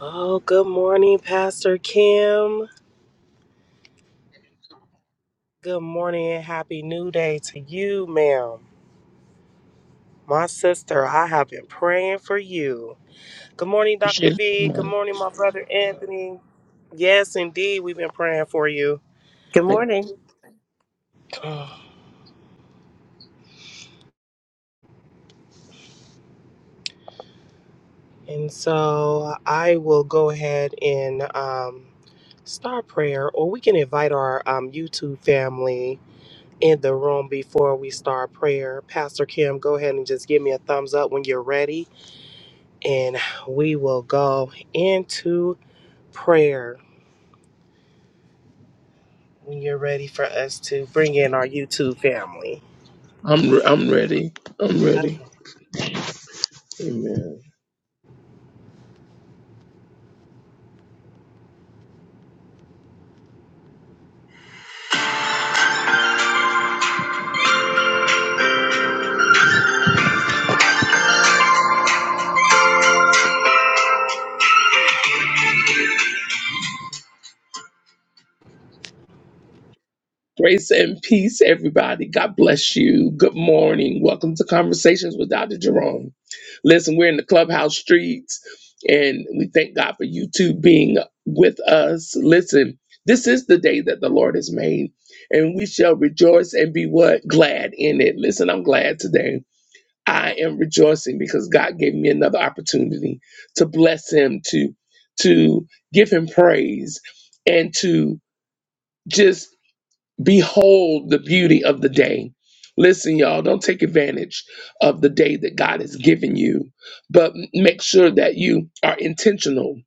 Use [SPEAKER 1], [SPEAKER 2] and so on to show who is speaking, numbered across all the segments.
[SPEAKER 1] Oh, good morning, Pastor Kim. Good morning and happy new day to you, ma'am. My sister, I have been praying for you. Good morning, Dr.
[SPEAKER 2] Appreciate it
[SPEAKER 1] V.
[SPEAKER 2] very
[SPEAKER 1] Good
[SPEAKER 2] much.
[SPEAKER 1] morning, my brother Anthony. Yes, indeed, we've been praying for you.
[SPEAKER 3] Good
[SPEAKER 2] Thank-
[SPEAKER 3] morning.
[SPEAKER 1] And so I will go ahead and um, start prayer, or we can invite our um, YouTube family in the room before we start prayer. Pastor Kim, go ahead and just give me a thumbs up when you're ready and we will go into prayer when you're ready for us to bring in our YouTube family.
[SPEAKER 2] I'm re- I'm ready. I'm
[SPEAKER 1] Okay.
[SPEAKER 2] ready. Amen. Grace and peace, everybody. God bless you. Good morning. Welcome to Conversations with Dr. Jerome. Listen, we're in the clubhouse streets, and we thank God for you two being with us. Listen, this is the day that the Lord has made, and we shall rejoice and be what glad in it. Listen, I'm glad today. I am rejoicing because God gave me another opportunity to bless him, to to give him praise, and to just behold the beauty of the day. Listen, y'all, don't take advantage of the day that God has given you, but m- make sure that you are intentional.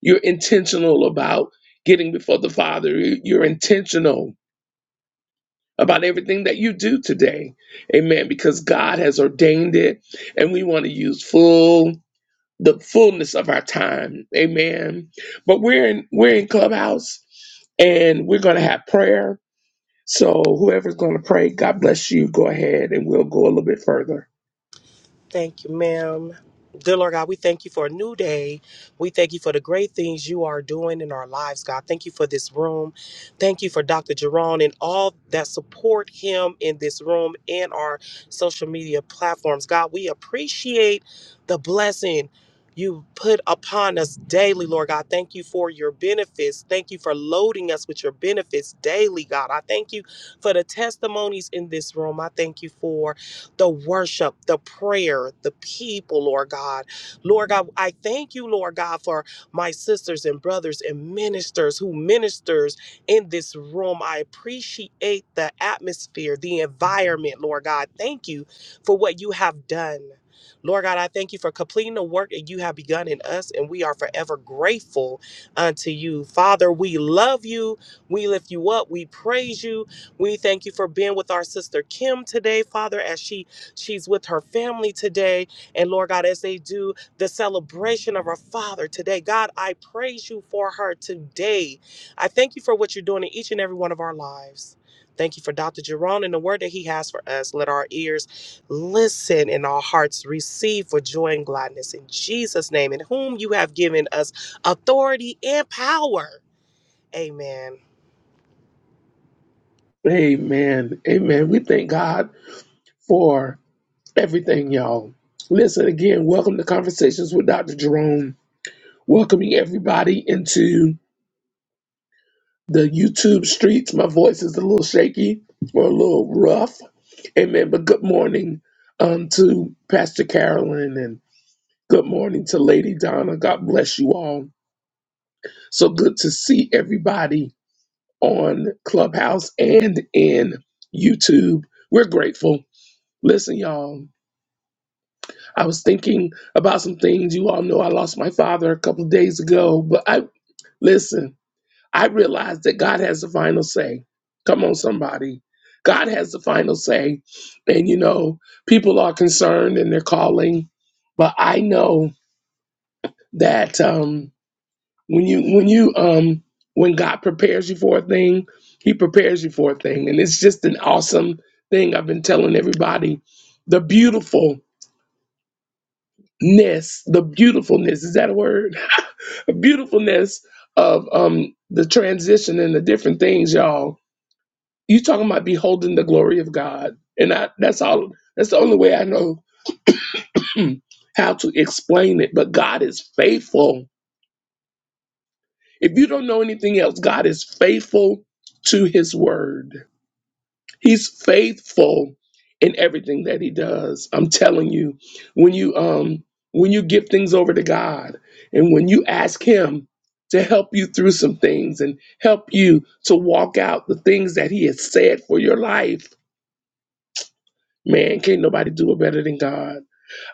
[SPEAKER 2] You're intentional about getting before the Father. You- You're intentional about everything that you do today. Amen. Because God has ordained it and we want to use full the fullness of our time. Amen. But we're in we're in Clubhouse and we're gonna have prayer. So whoever's gonna pray, God bless you. Go ahead and we'll go a little bit further.
[SPEAKER 1] Thank you, ma'am. Dear Lord God, we thank you for a new day. We thank you for the great things you are doing in our lives, God. Thank you for this room. Thank you for Dr. Jerome and all that support him in this room and our social media platforms. God, we appreciate the blessing you put upon us daily, Lord God. Thank you for your benefits. Thank you for loading us with your benefits daily, God. I thank you for the testimonies in this room. I thank you for the worship, the prayer, the people, Lord God. Lord God, I thank you, Lord God, for my sisters and brothers and ministers who ministers in this room. I appreciate the atmosphere, the environment, Lord God. Thank you for what you have done. Lord God, I thank you for completing the work that you have begun in us, and we are forever grateful unto you. Father, we love you. We lift you up. We praise you. We thank you for being with our sister Kim today, Father, as she She's with her family today. And Lord God, as they do the celebration of her father today, God, I praise you for her today. I thank you for what you're doing in each and every one of our lives. Thank you for Dr. Jerome and the word that he has for us. Let our ears listen and our hearts receive for joy and gladness in Jesus' name, in whom you have given us authority and power. Amen.
[SPEAKER 2] Amen. Amen. We thank God for everything, y'all. Listen again, welcome to Conversations with Dr. Jerome. Welcoming everybody into the YouTube streets. My voice is a little shaky or a little rough. Amen. But good morning um, to Pastor Carolyn and good morning to Lady Donna. God bless you all. So good to see everybody on Clubhouse and in YouTube. We're grateful. Listen, y'all. I was thinking about some things. You all know I lost my father a couple of days ago, but I listen, I realized that God has the final say. Come on, somebody. God has the final say. And you know, people are concerned and they're calling, but I know that um when you when you um when God prepares you for a thing, he prepares you for a thing. And it's just an awesome thing I've been telling everybody. The beautifulness, the beautifulness, is that a word? beautifulness of um the transition and the different things, y'all. You talking about beholding the glory of God, and I, that's all. That's the only way I know how to explain it. But God is faithful. If you don't know anything else, God is faithful to His word. He's faithful in everything that he does. I'm telling you, when you um when you give things over to God and when you ask him to help you through some things and help you to walk out the things that he has said for your life, man, can't nobody do it better than God.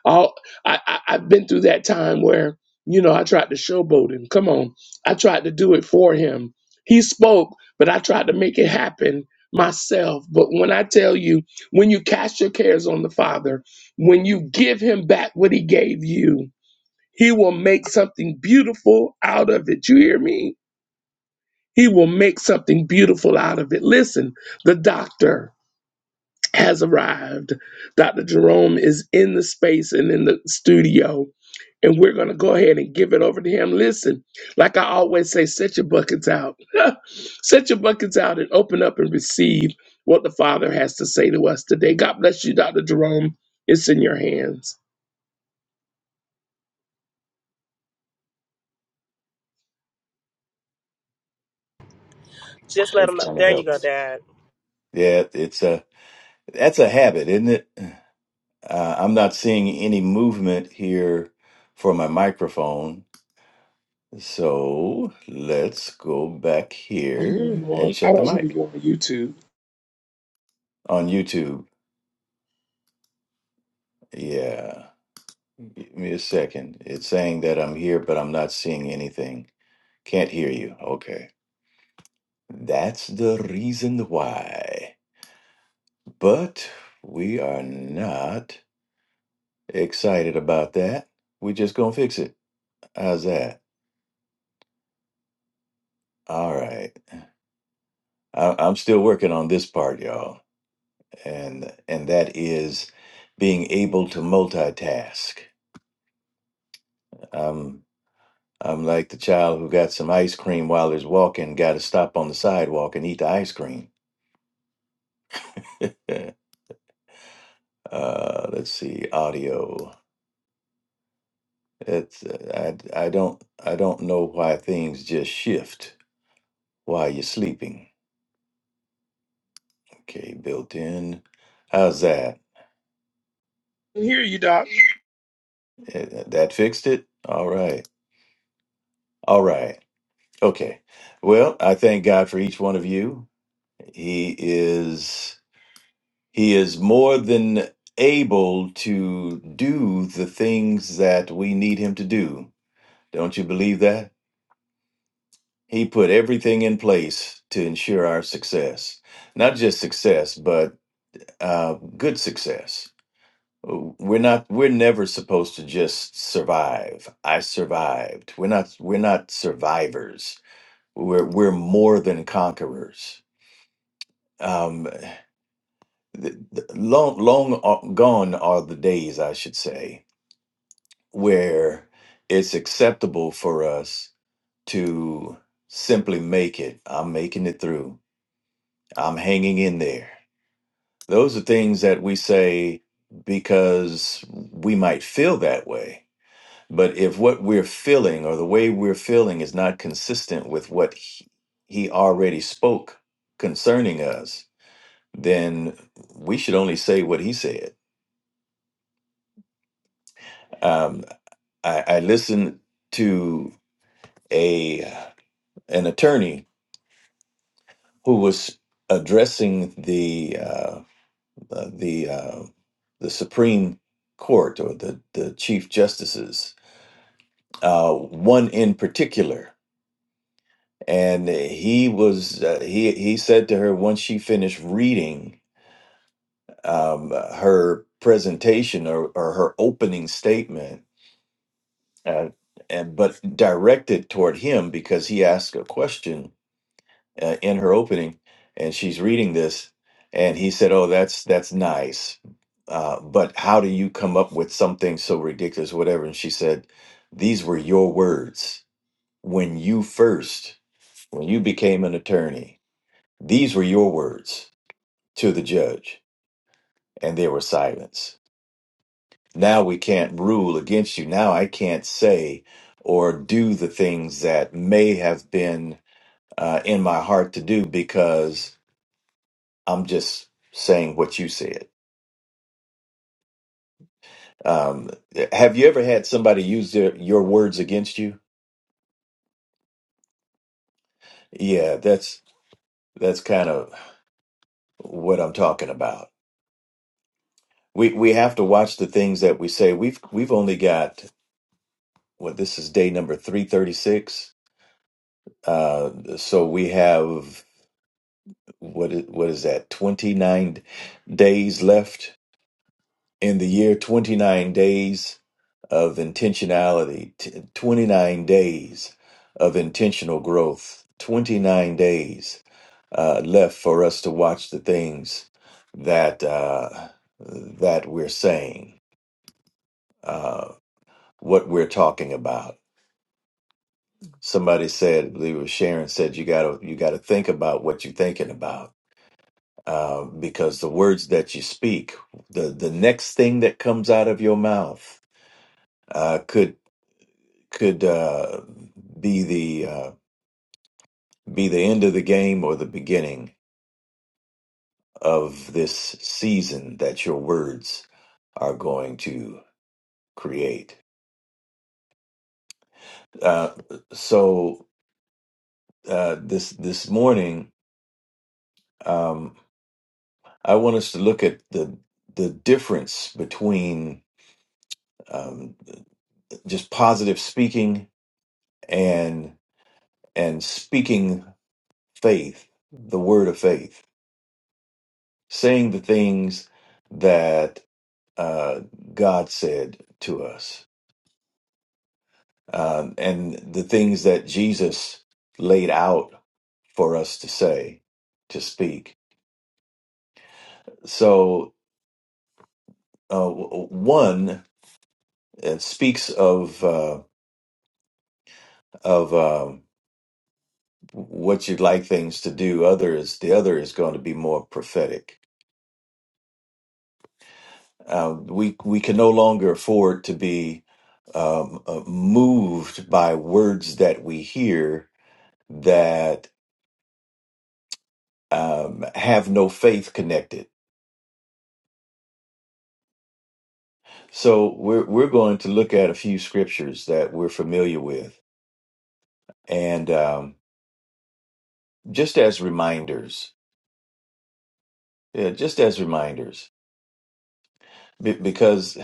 [SPEAKER 2] All I, I I've been through that time where you know I tried to showboat him. Come on, I tried to do it for him. He spoke, but I tried to make it happen myself. But when I tell you, when you cast your cares on the Father, when you give Him back what He gave you, He will make something beautiful out of it. You hear me? He will make something beautiful out of it. Listen, the doctor has arrived. Dr. Jerome is in the space and in the studio, and we're going to go ahead and give it over to him. Listen, like I always say, set your buckets out. set your buckets out and open up and receive what the Father has to say to us today. God bless you, Dr. Jerome. It's in your hands.
[SPEAKER 1] Just let
[SPEAKER 4] It
[SPEAKER 1] them know.
[SPEAKER 4] kind of
[SPEAKER 1] There you go,
[SPEAKER 4] helps.
[SPEAKER 1] Dad.
[SPEAKER 4] Yeah, it's a that's a habit, isn't it? Uh, I'm not seeing any movement here for my microphone, so let's go back
[SPEAKER 2] Are you
[SPEAKER 4] here and
[SPEAKER 2] on? I
[SPEAKER 4] check the
[SPEAKER 2] don't know if
[SPEAKER 4] mic
[SPEAKER 2] you're on YouTube.
[SPEAKER 4] on YouTube. Yeah, give me a second. It's saying that I'm here, but I'm not seeing anything. Can't hear you. Okay, that's the reason why. But we are not excited about that. We're just gonna fix it. How's that? All right. I, I'm still working on this part, y'all, and and that is being able to multitask. Um, I'm like the child who got some ice cream while he's walking, got to stop on the sidewalk and eat the ice cream. uh, let's see, audio. It's uh, I I don't I don't know why things just shift while you're sleeping. Okay, built in. How's that?
[SPEAKER 2] I can hear you, Doc.
[SPEAKER 4] Eh, That fixed it. All right. All right. Okay. Well, I thank God for each one of you. He is he is more than able to do the things that we need him to do. Don't you believe that? He put everything in place to ensure our success. Not just success, but uh, good success. We're not we're never supposed to just survive. I survived. We're not we're not survivors. We're we're more than conquerors um, th- th- long long o- gone are the days, I should say, where it's acceptable for us to simply make it. I'm making it through. I'm hanging in there. Those are things that we say because we might feel that way. But if what we're feeling or the way we're feeling is not consistent with what he, he already spoke concerning us, then we should only say what he said Um, I, I listened to a an attorney who was addressing the uh, uh, the uh, the Supreme Court or the the chief justices, uh, one in particular, and he was uh, he he said to her once she finished reading um, her presentation or, or her opening statement, uh, and but directed toward him because he asked a question uh, in her opening, and she's reading this, and he said, "Oh, that's that's nice, uh, but how do you come up with something so ridiculous, whatever?" And she said, "These were your words when you first, when you became an attorney. These were your words to the judge, and there was silence. Now we can't rule against you. Now I can't say." Or do the things that may have been uh, in my heart to do because I'm just saying what you said. Um, have you ever had somebody use their, your words against you? Yeah, that's that's kind of what I'm talking about. We we have to watch the things that we say. We've we've only got well, this is day number three thirty six. Uh, so we have what is, what is that? Twenty nine days left in the year. Twenty nine days of intentionality, t- 29 days of intentional growth, 29 days uh, left for us to watch the things that uh, that we're saying, uh, what we're talking about. Somebody said, I believe it was Sharon said, you gotta you gotta think about what you're thinking about. Uh, because the words that you speak, the the next thing that comes out of your mouth, uh, could could uh, be the uh, be the end of the game or the beginning of this season that your words are going to create. Uh, so uh, this this morning, um, I want us to look at the the difference between um, just positive speaking and and speaking faith, the word of faith, saying the things that uh, God said to us um, and the things that Jesus laid out for us to say, to speak. So, uh, w- w- one it speaks of uh, of um, what you'd like things to do. Other is the other is going to be more prophetic. Um, we we can no longer afford to be um, uh, moved by words that we hear that um, have no faith connected So we're we're going to look at a few scriptures that we're familiar with, and um, just as reminders, yeah, just as reminders, be- because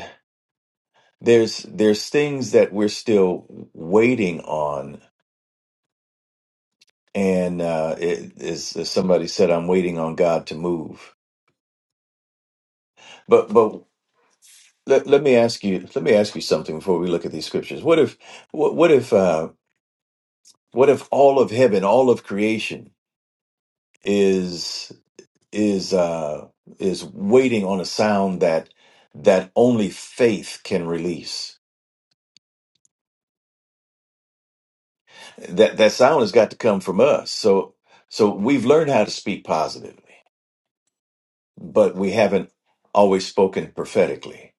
[SPEAKER 4] there's there's things that we're still waiting on, and uh, it, as, as somebody said, I'm waiting on God to move. But but let, let me ask you let me ask you something before we look at these scriptures. What if what, what if uh, what if all of heaven, all of creation? is is uh is waiting on a sound that that only faith can release that that sound has got to come from us so so we've learned how to speak positively but we haven't always spoken prophetically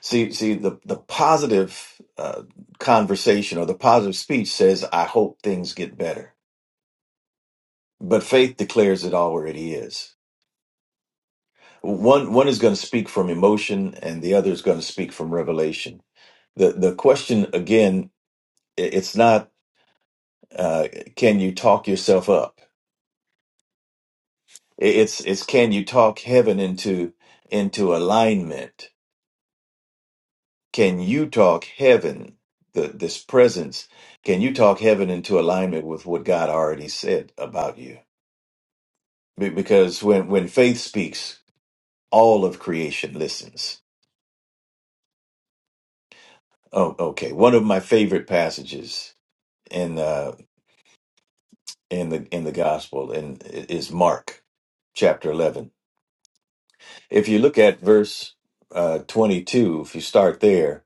[SPEAKER 4] see see the the positive uh, conversation or the positive speech says i hope things get better but faith declares it already is one one is going to speak from emotion and the other is going to speak from revelation the the question again It's not uh, can you talk yourself up. It's it's can you talk heaven into into alignment? Can you talk heaven, the, this presence? Can you talk heaven into alignment with what God already said about you? Be- Because when when faith speaks, all of creation listens. Oh, okay. One of my favorite passages in uh, in the in the gospel and is Mark chapter eleven If you look at verse uh, 22, if you start there,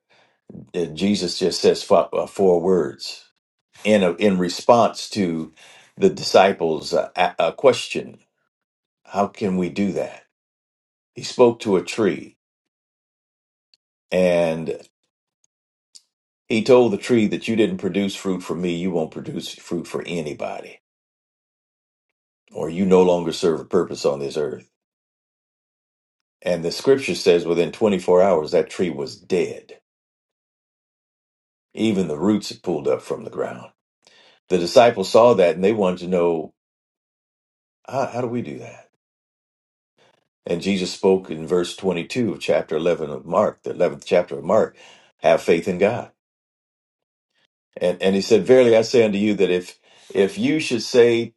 [SPEAKER 4] uh, Jesus just says four, uh, four words in, a, in response to the disciples' uh, a, a question How can we do that? He spoke to a tree and he told the tree that you didn't produce fruit for me, you won't produce fruit for anybody, or you no longer serve a purpose on this earth. And the scripture says within 24 hours, that tree was dead. Even the roots had pulled up from the ground. The disciples saw that and they wanted to know, how, how do we do that? And Jesus spoke in verse 22 of chapter 11 of Mark, the 11th chapter of Mark, have faith in God. And, and he said, Verily I say unto you that if, if you should say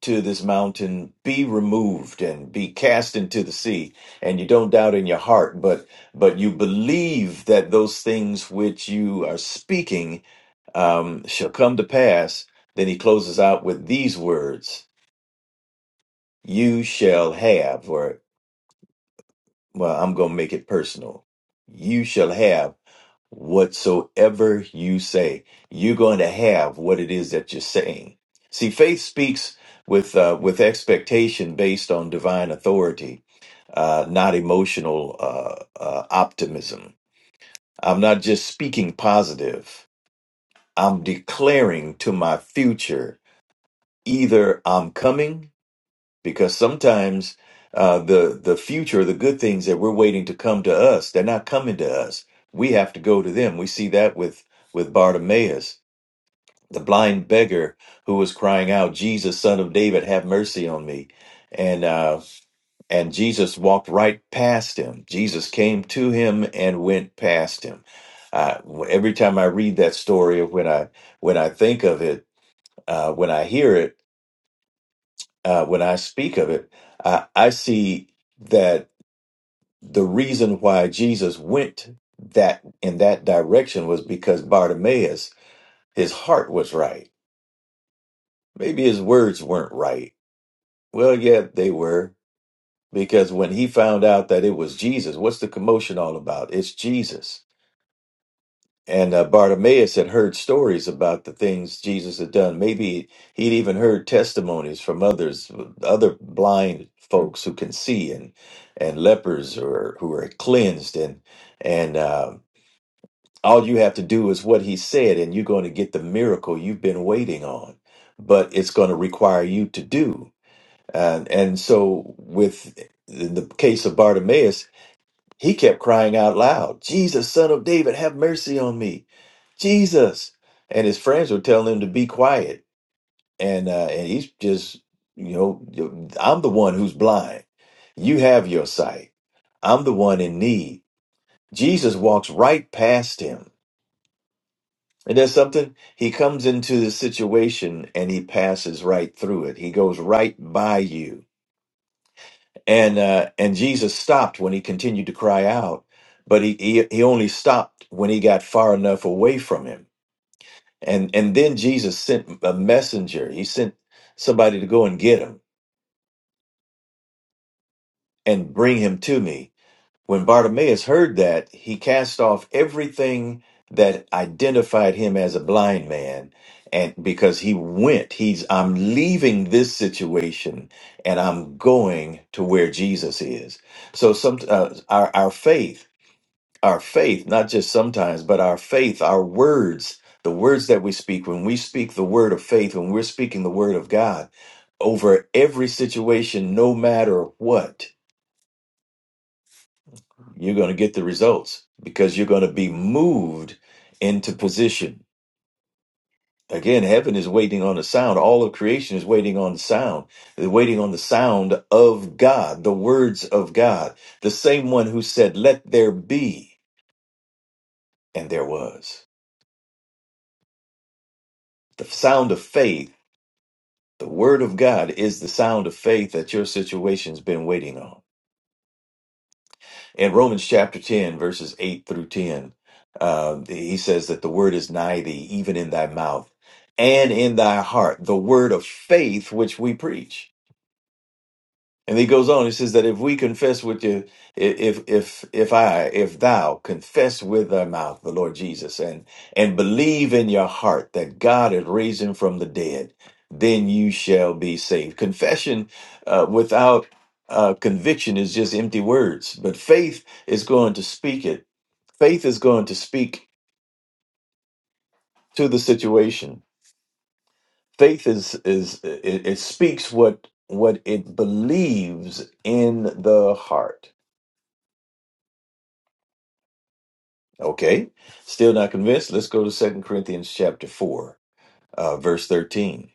[SPEAKER 4] to this mountain, be removed and be cast into the sea, and you don't doubt in your heart, but, but you believe that those things which you are speaking, um, shall come to pass, then he closes out with these words You shall have, or, well, I'm going to make it personal. You shall have whatsoever you say. You're going to have what it is that you're saying. See, faith speaks with, uh, with expectation based on divine authority, uh, not emotional uh, uh, optimism. I'm not just speaking positive, I'm declaring to my future either I'm coming because sometimes uh, the the future, the good things that we're waiting to come to us, they're not coming to us. We have to go to them. We see that with with Bartimaeus, the blind beggar who was crying out, "Jesus, Son of David, have mercy on me." And uh, and Jesus walked right past him. Jesus came to him and went past him. Uh, every time I read that story, when I when I think of it, uh, when I hear it, uh, when I speak of it, I, I see that the reason why Jesus went that in that direction was because Bartimaeus, his heart was right. Maybe his words weren't right. Well, yeah, they were. Because when he found out that it was Jesus, what's the commotion all about? It's Jesus. And uh, Bartimaeus had heard stories about the things Jesus had done. Maybe he'd even heard testimonies from others, other blind folks who can see, and and lepers or who are cleansed. And and uh, all you have to do is what he said, and you're going to get the miracle you've been waiting on. But it's going to require you to do. And and so with in the case of Bartimaeus, he kept crying out loud, Jesus, son of David, have mercy on me. Jesus. And his friends were telling him to be quiet. And, uh, and he's just, you know, I'm the one who's blind. You have your sight. I'm the one in need. Jesus walks right past him. And there's something, he comes into the situation and he passes right through it. He goes right by you and uh, and Jesus stopped when he continued to cry out, but he, he he only stopped when he got far enough away from him, and and then Jesus sent a messenger. He sent somebody to go and get him and bring him to me. When Bartimaeus heard that, he cast off everything that identified him as a blind man. And because he went, he's, I'm leaving this situation and I'm going to where Jesus is. So some, uh, our, our faith our faith, not just sometimes, but our faith, our words, the words that we speak, when we speak the word of faith, when we're speaking the word of God over every situation, no matter what, you're going to get the results because you're going to be moved into position. Again, heaven is waiting on the sound. All of creation is waiting on the sound. They're waiting on the sound of God, the words of God, the same one who said, Let there be, and there was. The sound of faith The word of God is the sound of faith that your situation's been waiting on. In Romans chapter 10, verses 8 through 10, uh, he says that the word is nigh thee, even in thy mouth and in thy heart, the word of faith which we preach. And he goes on. He says that if we confess with you, if if if I, if thou confess with thy mouth the Lord Jesus and and believe in your heart that God had raised him from the dead, then you shall be saved. Confession uh, without uh, conviction is just empty words. But faith is going to speak it. Faith is going to speak to the situation. Faith is is it, it speaks what what it believes in the heart Okay, still not convinced? Let's go to Second Corinthians chapter 4, uh, verse 13.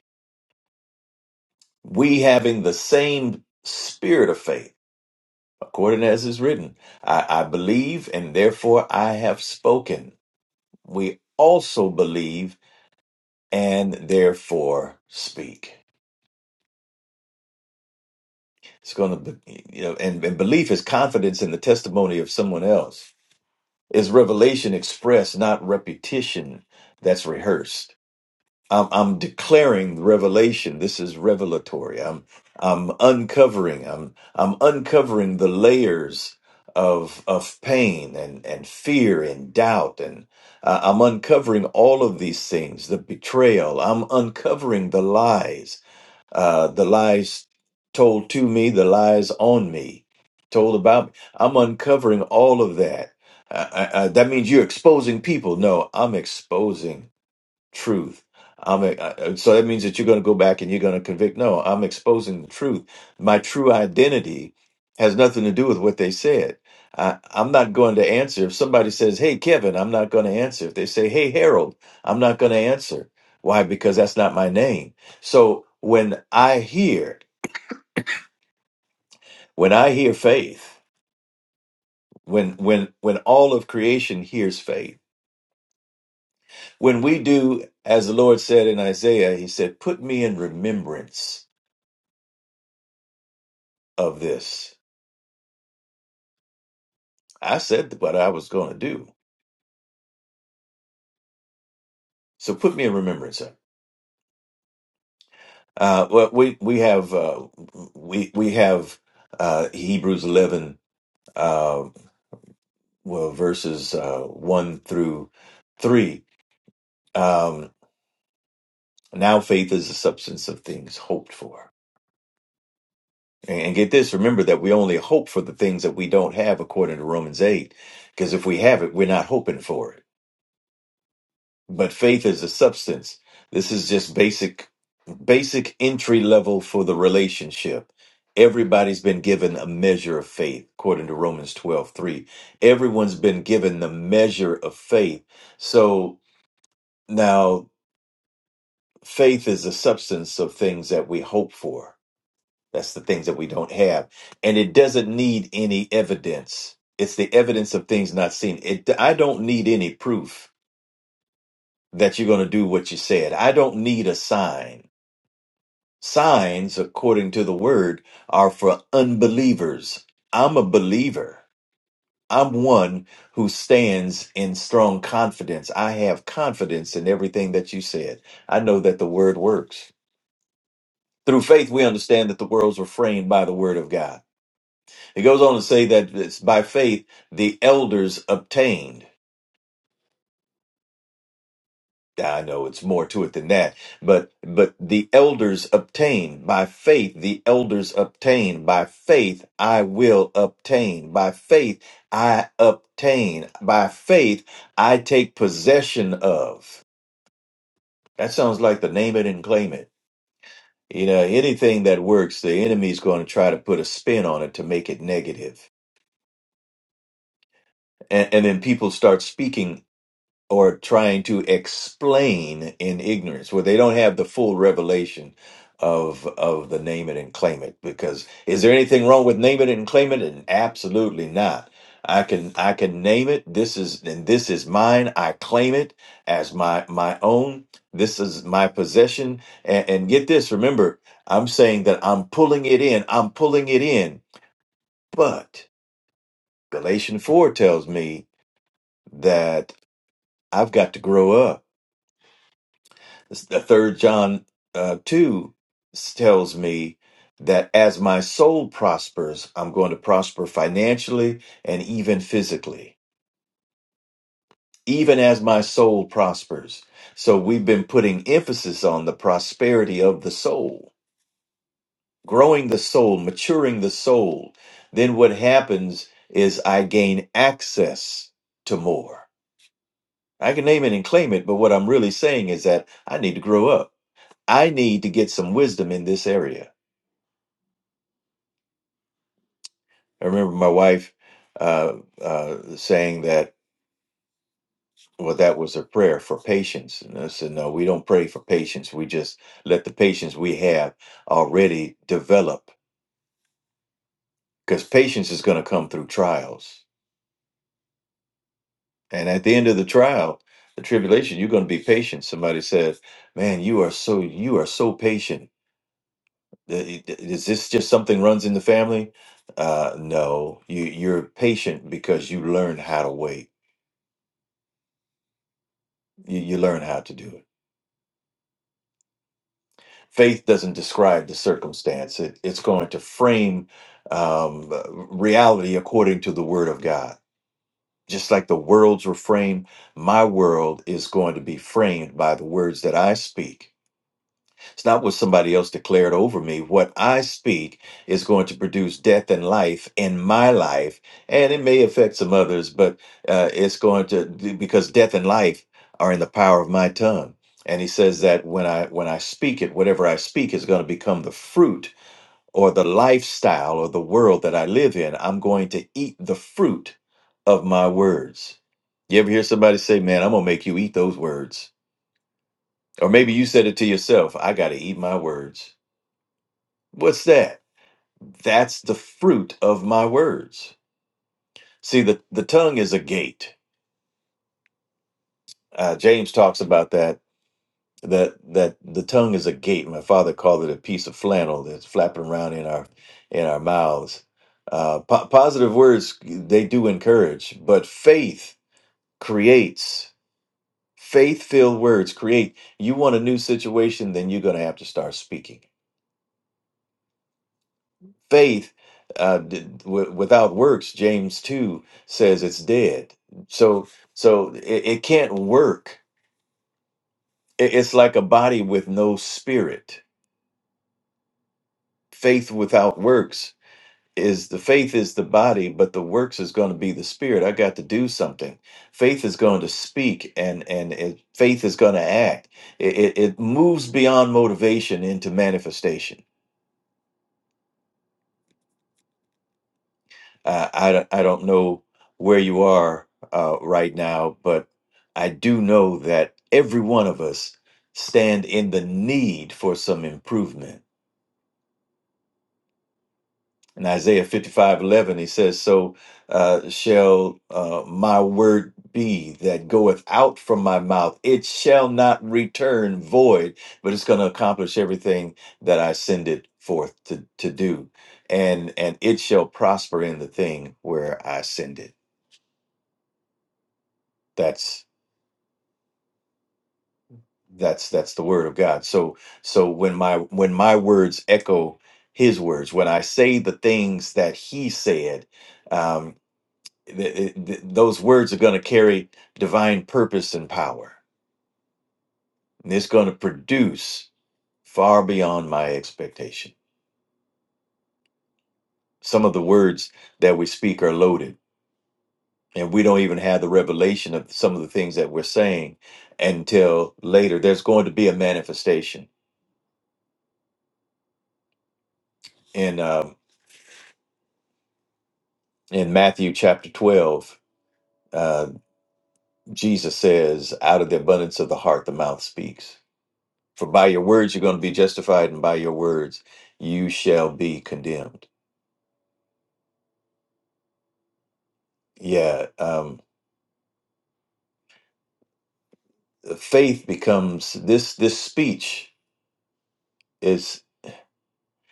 [SPEAKER 4] We having the same spirit of faith, according as is written, I, I believe and therefore I have spoken. We also believe and therefore speak. It's going to be, you know, and, and belief is confidence in the testimony of someone else. Is revelation expressed, not repetition that's rehearsed? I'm, I'm declaring the revelation. This is revelatory. I'm I'm uncovering. I'm I'm uncovering the layers of of pain and and fear and doubt and uh, I'm uncovering all of these things. The betrayal. I'm uncovering the lies. Uh, the lies told to me. The lies on me. Told about me. I'm uncovering all of that. Uh, uh, uh, that means you're exposing people. No, I'm exposing truth. I'm a, I, so that means that you're going to go back and you're going to convict. No, I'm exposing the truth. My true identity has nothing to do with what they said. I, I'm not going to answer if somebody says, "Hey, Kevin," I'm not going to answer. If they say, "Hey, Harold," I'm not going to answer. Why? Because that's not my name. So when I hear, when I hear faith, when when when all of creation hears faith, when we do as the Lord said in Isaiah, He said, "Put me in remembrance." of this. I said what I was going to do. So put me in remembrance. sir. Uh, well, we we have uh, we we have uh, Hebrews eleven uh, well verses uh, one through three. Um, now faith is the substance of things hoped for. And and get this, remember that we only hope for the things that we don't have according to Romans 8. Because if we have it, we're not hoping for it. but faith is a substance. This is just basic, basic entry level for the relationship. Everybody's been given a measure of faith, according to Romans twelve three. Everyone's been given the measure of faith. So now faith is a substance of things that we hope for. That's the things that we don't have. And it doesn't need any evidence. It's the evidence of things not seen. It, I don't need any proof that you're going to do what you said. I don't need a sign. Signs, according to the word, are for unbelievers. I'm a believer. I'm one who stands in strong confidence. I have confidence in everything that you said. I know that the word works. Through faith, we understand that the worlds were framed by the word of God. It goes on to say that it's by faith the elders obtained. Yeah, I know it's more to it than that, but but the elders obtain by faith. The elders obtain by faith. I will obtain by faith. I obtain by faith. I take possession of. That sounds like the name it and claim it. You know, anything that works, the enemy's going to try to put a spin on it to make it negative, and, and then people start speaking or trying to explain in ignorance where they don't have the full revelation of of the name it and claim it because is there anything wrong with name it and claim it and absolutely not i can i can name it this is and this is mine i claim it as my my own this is my possession and, and get this remember i'm saying that i'm pulling it in i'm pulling it in but galatians 4 tells me that i've got to grow up the third John uh, 2 s- tells me that as my soul prospers, I'm going to prosper financially and even physically, even as my soul prospers. So we've been putting emphasis on the prosperity of the soul, growing the soul, maturing the soul. Then what happens is I gain access to more. I can name it and claim it, but what I'm really saying is that I need to grow up. I need to get some wisdom in this area. I remember my wife uh, uh, saying that, well, that was a prayer for patience. And I said, no, we don't pray for patience. We just let the patience we have already develop because patience is going to come through trials. And at the end of the trial, the tribulation, you're going to be patient. Somebody says, man, you are so, you are so patient. Th- th- Is this just something runs in the family? Uh, no, you, you're patient because you learn how to wait. You, you learn how to do it faith doesn't describe the circumstance it, it's going to frame um, reality according to the word of god just like the worlds were framed my world is going to be framed by the words that i speak it's not what somebody else declared over me. What I speak is going to produce death and life in my life, and it may affect some others, but uh, it's going to because death and life are in the power of my tongue. And he says that when I when I speak it, whatever I speak is going to become the fruit or the lifestyle or the world that I live in. I'm going to eat the fruit of my words. You ever hear somebody say, "Man, I'm gonna make you eat those words," or maybe you said it to yourself, "I got to eat my words." What's that? That's the fruit of my words. See, the, the tongue is a gate. Uh, James talks about that, that, that the tongue is a gate. My father called it a piece of flannel that's flapping around in our, in our mouths. Uh, po- positive words, they do encourage, but faith creates, faith filled words create. You want a new situation, then you're going to have to start speaking faith uh, d- w- without works james 2 says it's dead so so it, it can't work It- it's like a body with no spirit faith without works is the faith is the body but the works is going to be the spirit i got to do something faith is going to speak and and it, faith is going to act it, it it moves beyond motivation into manifestation Uh, I don't- I don't know where you are uh, right now, but I do know that every one of us stand in the need for some improvement. In Isaiah fifty five eleven, he says, "So uh, shall uh, my word be that goeth out from my mouth; it shall not return void, but it's going to accomplish everything that I send it forth to to do, and and it shall prosper in the thing where I send it." That's that's that's the word of god so so when my when my words echo his words when i say the things that he said um th- th- th- those words are going to carry divine purpose and power and it's going to produce far beyond my expectation some of the words that we speak are loaded and we don't even have the revelation of some of the things that we're saying until later there's going to be a manifestation in um in matthew chapter 12 uh, Jesus says, out of the abundance of the heart, the mouth speaks. For by your words, you're going to be justified, and by your words, you shall be condemned. Yeah. Um, faith becomes this, this speech is,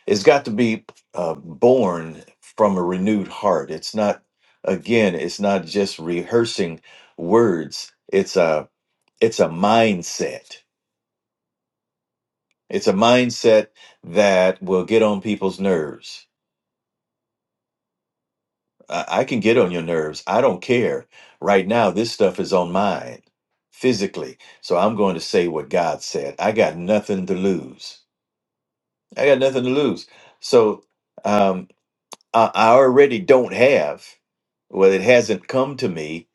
[SPEAKER 4] it's got to be uh, born from a renewed heart. It's not, again, it's not just rehearsing words. It's a, it's a mindset. It's a mindset that will get on people's nerves I, I can get on your nerves. I don't care. Right now, this stuff is on mine physically. So I'm going to say what God said. I got nothing to lose. I got nothing to lose. So um, I, I already don't have. Well, it hasn't come to me,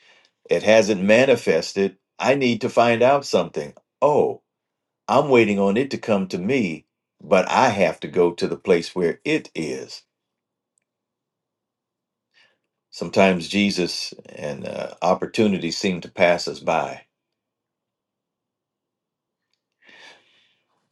[SPEAKER 4] it hasn't manifested. I need to find out something. Oh, I'm waiting on it to come to me, but I have to go to the place where it is. Sometimes Jesus and uh, opportunities seem to pass us by.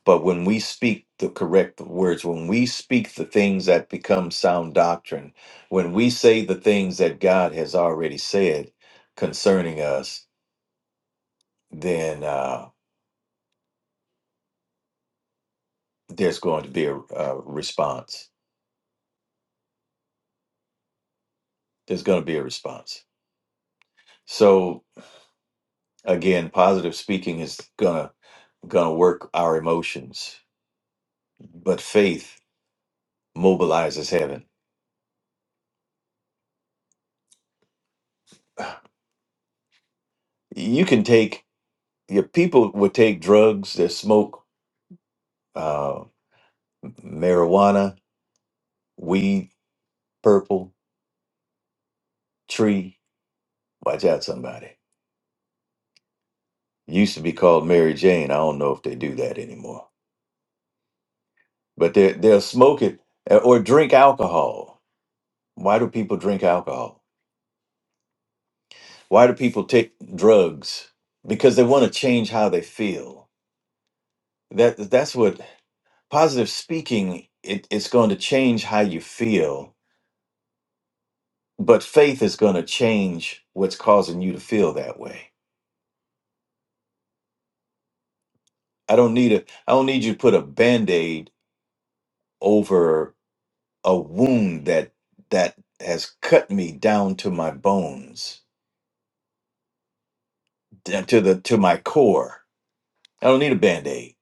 [SPEAKER 4] But when we speak the correct words, when we speak the things that become sound doctrine, when we say the things that God has already said concerning us, then uh, there's going to be a, a response. There's going to be a response. So again, positive speaking is gonna gonna work our emotions, but faith mobilizes heaven. You can take Your people would take drugs that smoke uh, marijuana, weed, purple, tree. Watch out, somebody. Used to be called Mary Jane. I don't know if they do that anymore. But they they'll smoke it uh, or drink alcohol. Why do people drink alcohol? Why do people take drugs? Because they want to change how they feel. That that's what positive speaking. It, it's going to change how you feel but faith is going to change what's causing you to feel that way i don't need a i don't need you to put a band-aid over a wound that that has cut me down to my bones d- to the to my core i don't need a band-aid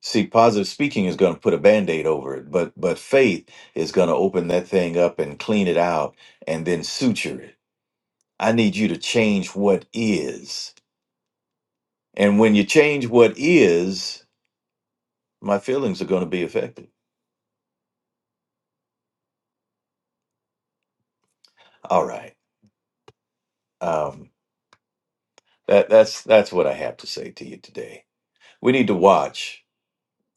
[SPEAKER 4] see positive speaking is going to put a band-aid over it but but faith is going to open that thing up and clean it out and then suture it i need you to change what is and when you change what is my feelings are going to be affected All right. Um, that that's that's what I have to say to you today. We need to watch.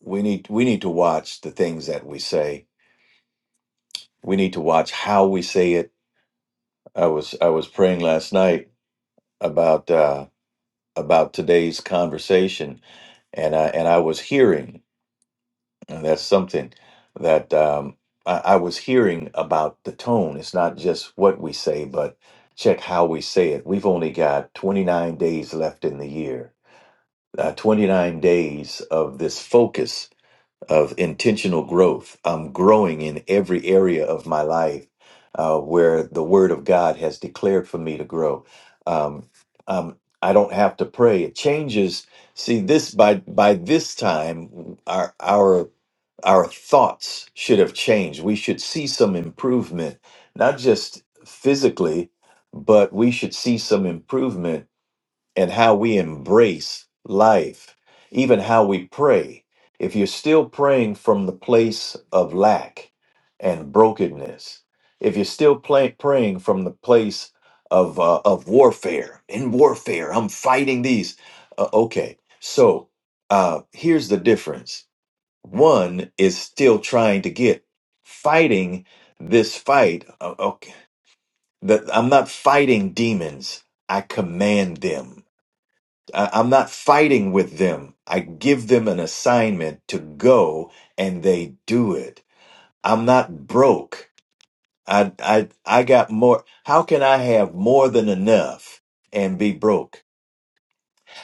[SPEAKER 4] We need we need to watch the things that we say. We need to watch how we say it. I was I was praying last night about uh, about today's conversation, and I and I was hearing. And that's something that um, I, I was hearing about the tone. It's not just what we say, but check how we say it. We've only got 29 days left in the year uh, 29 days of this focus of intentional growth. I'm growing in every area of my life uh, where the Word of God has declared for me to grow. Um, um, I don't have to pray. It changes. See this by by this time, our our our thoughts should have changed. We should see some improvement, not just physically, but we should see some improvement and how we embrace life, even how we pray. If you're still praying from the place of lack and brokenness, if you're still play, praying from the place of uh, of warfare, in warfare, I'm fighting these. Uh, okay, so uh, here's the difference. One is still trying to get fighting this fight. Uh, okay, that I'm not fighting demons. I command them. I- I'm not fighting with them. I give them an assignment to go and they do it. I'm not broke. I I I got more. How can I have more than enough and be broke?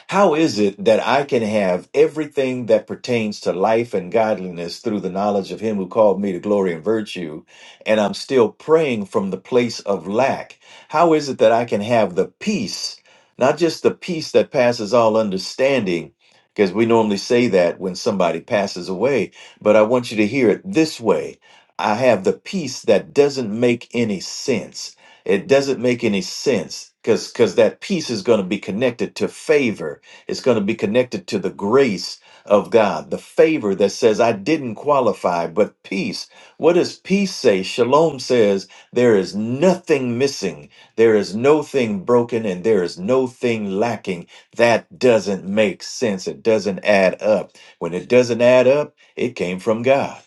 [SPEAKER 4] How is it that I can have everything that pertains to life and godliness through the knowledge of Him who called me to glory and virtue, and I'm still praying from the place of lack? How is it that I can have the peace, not just the peace that passes all understanding? Because we normally say that when somebody passes away, but I want you to hear it this way I have the peace that doesn't make any sense. It doesn't make any sense because because that peace is going to be connected to favor. It's going to be connected to the grace of God, the favor that says I didn't qualify, but peace. What does peace say? Shalom says there is nothing missing, there is no thing broken, and there is no thing lacking. That doesn't make sense. It doesn't add up. When it doesn't add up, it came from God.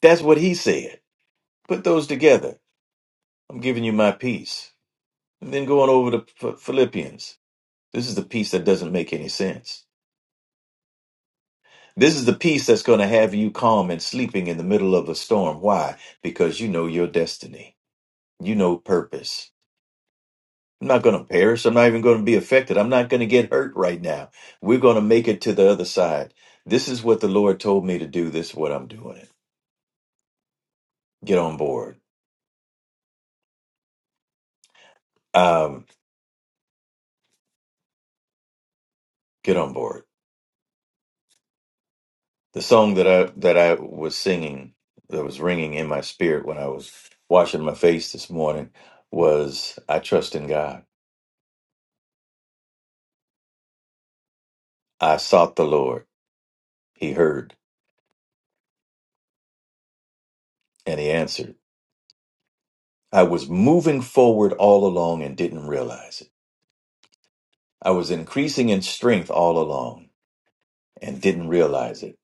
[SPEAKER 4] That's what He said. Put those together. I'm giving you my peace. And then going over to Ph- Philippians, this is the peace that doesn't make any sense. This is the peace that's going to have you calm and sleeping in the middle of a storm. Why? Because you know your destiny. You know purpose. I'm not going to perish. I'm not even going to be affected. I'm not going to get hurt right now. We're going to make it to the other side. This is what the Lord told me to do. This is what I'm doing. Get on board. Um, get on board. the song that I that I was singing that was ringing in my spirit when I was washing my face this morning was I trust in God. I sought the Lord. He heard and he answered. I was moving forward all along and didn't realize it. I was increasing in strength all along and didn't realize it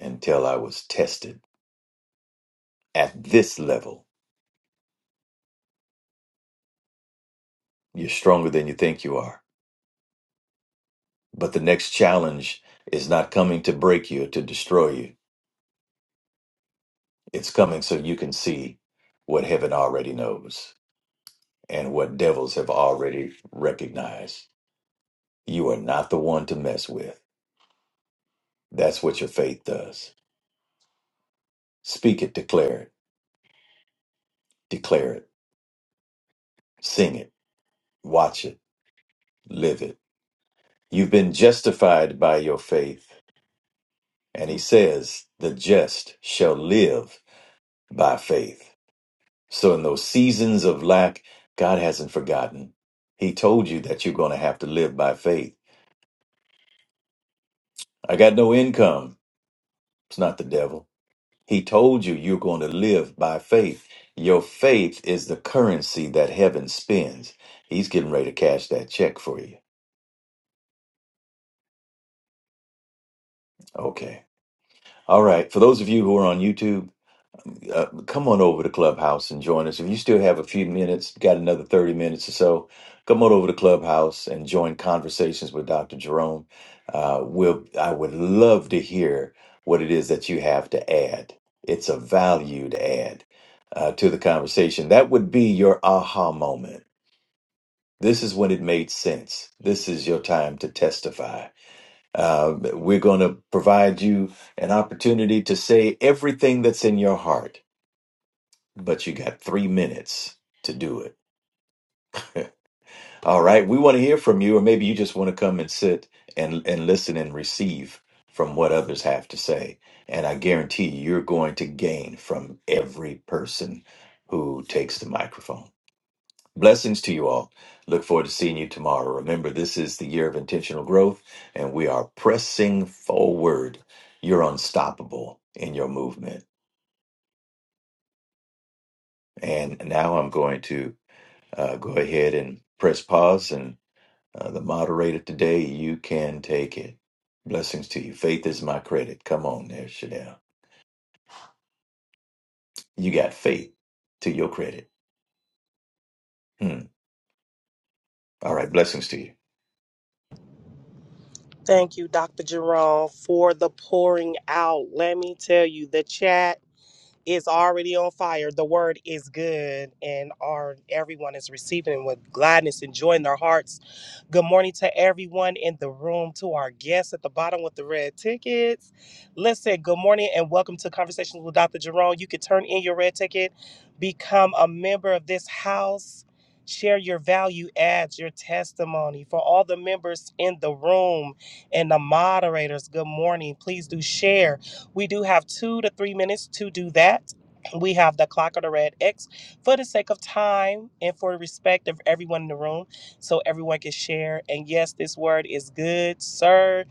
[SPEAKER 4] until I was tested. At this level, you're stronger than you think you are. But the next challenge is not coming to break you or to destroy you. It's coming so you can see what heaven already knows and what devils have already recognized. You are not the one to mess with. That's what your faith does. Speak it, declare it, declare it, sing it, watch it, live it. You've been justified by your faith. And he says, the just shall live by faith. So in those seasons of lack, God hasn't forgotten. He told you that you're going to have to live by faith. I got no income. It's not the devil. He told you you're going to live by faith. Your faith is the currency that heaven spends. He's getting ready to cash that check for you. Okay. All right. For those of you who are on YouTube, uh, come on over to Clubhouse and join us. If you still have a few minutes, got another 30 minutes or so, come on over to Clubhouse and join conversations with Dr. Jerome. Uh, we'll, I would love to hear what it is that you have to add. It's a valued add uh, to the conversation. That would be your aha moment. This is when it made sense. This is your time to testify. Uh, we're going to provide you an opportunity to say everything that's in your heart but you got three minutes to do it. All right. We want to hear from you, or maybe you just want to come and sit and, and listen and receive from what others have to say. And I guarantee you, you're going to gain from every person who takes the microphone. Blessings to you all. Look forward to seeing you tomorrow. Remember, this is the year of intentional growth, and we are pressing forward. You're unstoppable in your movement. And now I'm going to uh, go ahead and press pause and Uh, the moderator today, you can take it. Blessings to you. Faith is my credit. Come on there, Chanel. You got faith to your credit. Hmm. All right. Blessings to you.
[SPEAKER 1] Thank you, Dr. Jerome, for the pouring out. Let me tell you, the chat is already on fire. The word is good, and our everyone is receiving it with gladness and joy in their hearts. Good morning to everyone in the room, to our guests at the bottom with the red tickets. Listen, good morning and welcome to Conversations with Dr. Jerome. You can turn in your red ticket, become a member of this house, share your value adds, your testimony. For all the members in the room and the moderators, good morning. Please do share. We do have two to three minutes to do that. We have the clock or the red X for the sake of time and for the respect of everyone in the room so everyone can share. And yes, this word is good, sir.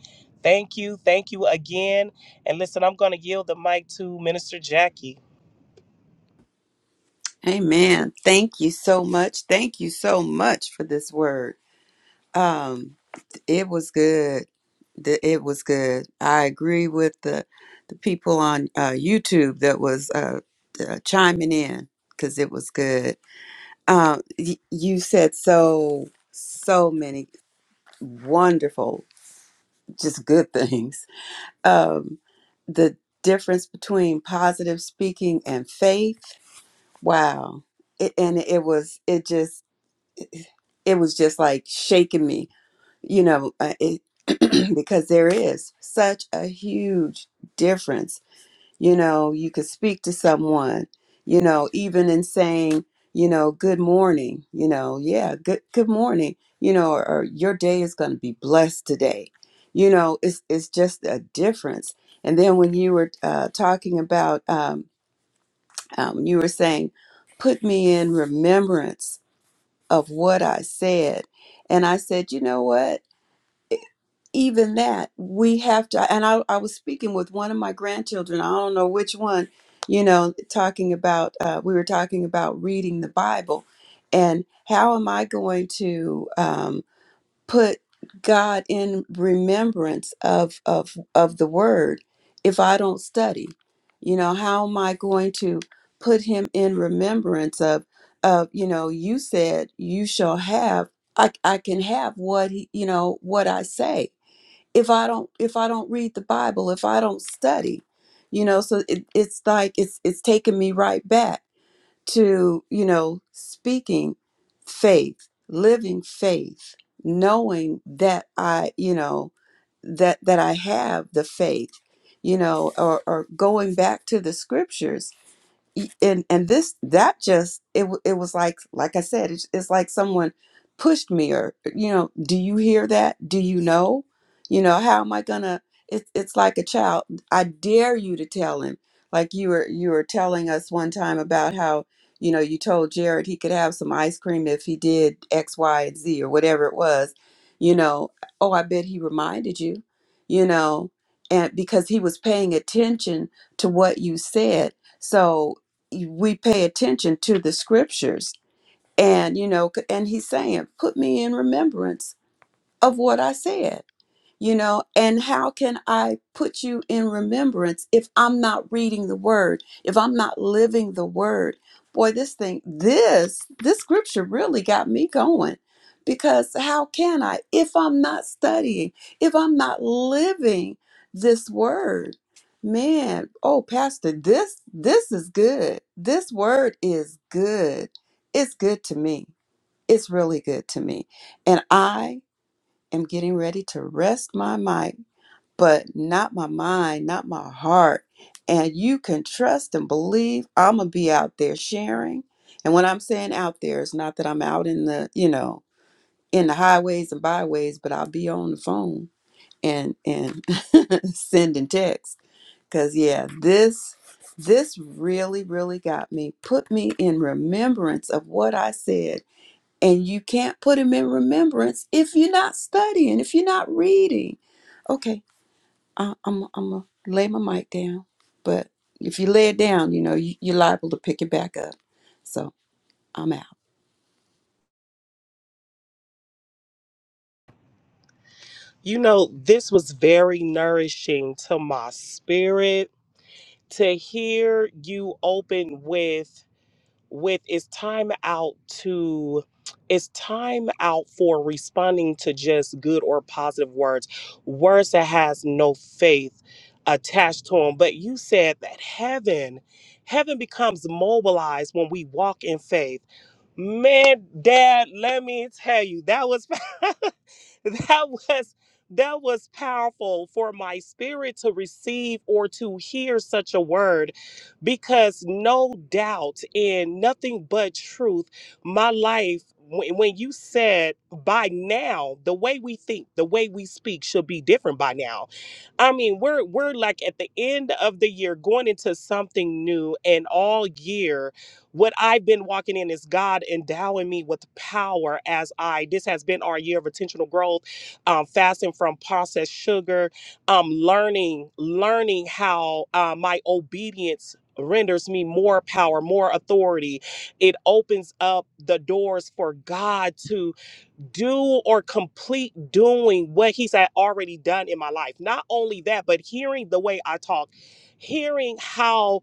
[SPEAKER 1] Thank you. Thank you again. And listen, I'm going to yield the mic to Minister Jackie.
[SPEAKER 5] Amen. Thank you so much. Thank you so much for this word. Um, it was good. Th- It was good. I agree with the the people on uh, YouTube that was uh, uh, chiming in because it was good. Um, y- you said so so many wonderful, just good things. Um, the difference between positive speaking and faith. Wow. It, and it was it just it was just like shaking me, you know, uh, it, because there is such a huge difference. You know, you could speak to someone, you know, even in saying, you know, good morning, you know, yeah, good good morning, you know, or, or your day is going to be blessed today. You know, it's it's just a difference. And then when you were uh, talking about, um, um, you were saying, put me in remembrance of what I said. And I said, you know what? Even that, we have to. And I, I was speaking with one of my grandchildren, I don't know which one, you know, talking about, uh, we were talking about reading the Bible and how am I going to. um, put God in remembrance of of of the word if I don't study? You know, how am I going to put him in remembrance of of you know, you said you shall have I, I can have what he, you know what I say if I don't if I don't read the Bible if I don't study you know so it, it's like it's it's taking me right back to, you know, speaking faith, living faith, knowing that I, you know, that that I have the faith, you know, or, or going back to the scriptures y- and and this that just it w- it was like like I said it's, it's like someone pushed me or uh, you know do you hear that do you know you know how am I gonna it's it's like a child I dare you to tell him like you were you were telling us one time about how you know you told Jared he could have some ice cream if he did X Y and Z or whatever it was you know oh I bet he reminded you you know and because he was paying attention to what you said so we pay attention to the scriptures and you know c- and he's saying put me in remembrance of what i said you know and how can i put you in remembrance if i'm not reading the word if i'm not living the word boy this thing this this scripture really got me going because how can i if i'm not studying if i'm not living this word man oh pastor this this is good this word is good it's good to me it's really good to me and i am getting ready to rest my mic, but not my mind, not my heart. And you can trust and believe I'm going to be out there sharing. And when I'm saying out there, it's not that I'm out in the, you know, in the highways and byways, but I'll be on the phone and and sending texts cuz yeah, this this really really got me. Put me in remembrance of what I said and you can't put him in remembrance if you're not studying, if you're not reading. Okay, I, I'm, I'm going to lay my mic down. But if you lay it down, you know, you, you're liable to pick it back up. So I'm out.
[SPEAKER 1] You know, this was very nourishing to my spirit to hear you open with. with it's time out to it's time out for responding to just good or positive words words that has no faith attached to them but you said that heaven heaven becomes mobilized when we walk in faith Man, Dad, let me tell you, that was that was that was powerful for my spirit to receive or to hear such a word because no doubt in nothing but truth my life when when you said by now the way we think the way we speak should be different by now I mean, we're we're like at the end of the year going into something new and all year what I've been walking in is God endowing me with power as I this has been our year of intentional growth, um, fasting from processed sugar, um, learning, learning how uh, my obedience renders me more power, more authority. It opens up the doors for God to do or complete doing what he's had already done in my life. Not only that, but hearing the way I talk, hearing how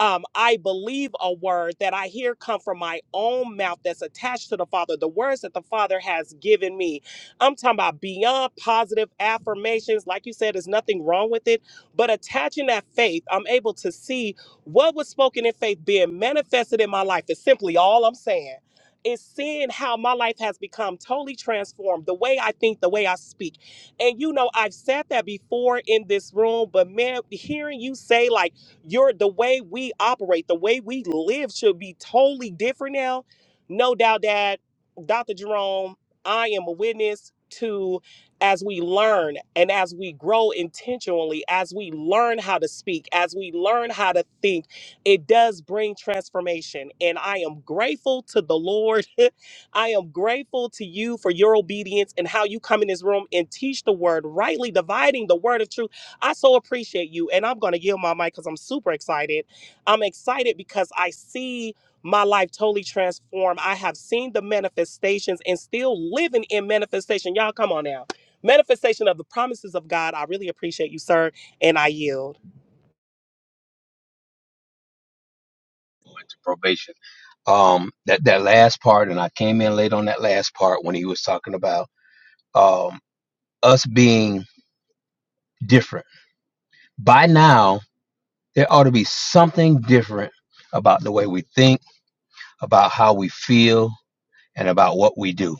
[SPEAKER 1] um, I believe a word that I hear come from my own mouth that's attached to the Father, the words that the Father has given me. I'm talking about beyond positive affirmations. Like you said, there's nothing wrong with it, but attaching that faith, I'm able to see what was spoken in faith being manifested in my life, is simply all I'm saying is seeing how my life has become totally transformed the way I think, the way I speak. And you know, I've said that before in this room, but man, hearing you say like you're the way we operate, the way we live should be totally different now. No doubt that Dr. Jerome, I am a witness to as we learn and as we grow intentionally, as we learn how to speak, as we learn how to think it does bring transformation. And I am grateful to the Lord. I am grateful to you for your obedience and how you come in this room and teach the word, rightly dividing the word of truth. I so appreciate you. And I'm going to yield my mic because I'm super excited. I'm excited because I see my life totally transformed. I have seen the manifestations and still living in manifestation. Y'all, come on now. Manifestation of the promises of God. I really appreciate you, sir. And I yield.
[SPEAKER 6] into probation. Um, that that last part, and I came in late on that last part when he was talking about um, us being different. By now, there ought to be something different about the way we think, about how we feel, and about what we do.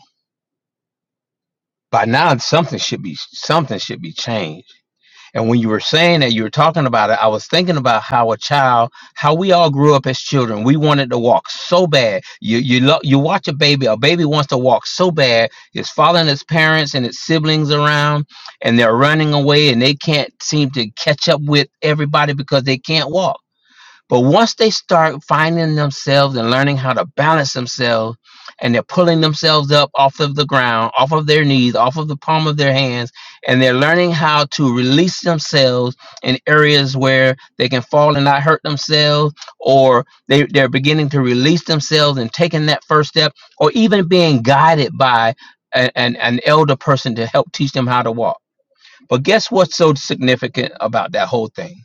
[SPEAKER 6] By now, something should be something should be changed And when you were saying that, you were talking about it, I was thinking about how a child, how we all grew up as children. We wanted to walk so bad. You you lo- you watch a baby, a baby wants to walk so bad, it's following its parents and its siblings around, and they're running away and they can't seem to catch up with everybody because they can't walk but once they start finding themselves and learning how to balance themselves, and they're pulling themselves up off of the ground, off of their knees, off of the palm of their hands, and they're learning how to release themselves in areas where they can fall and not hurt themselves, or they, they're beginning to release themselves and taking that first step, or even being guided by a- an, an elder person to help teach them how to walk. But guess what's so significant about that whole thing?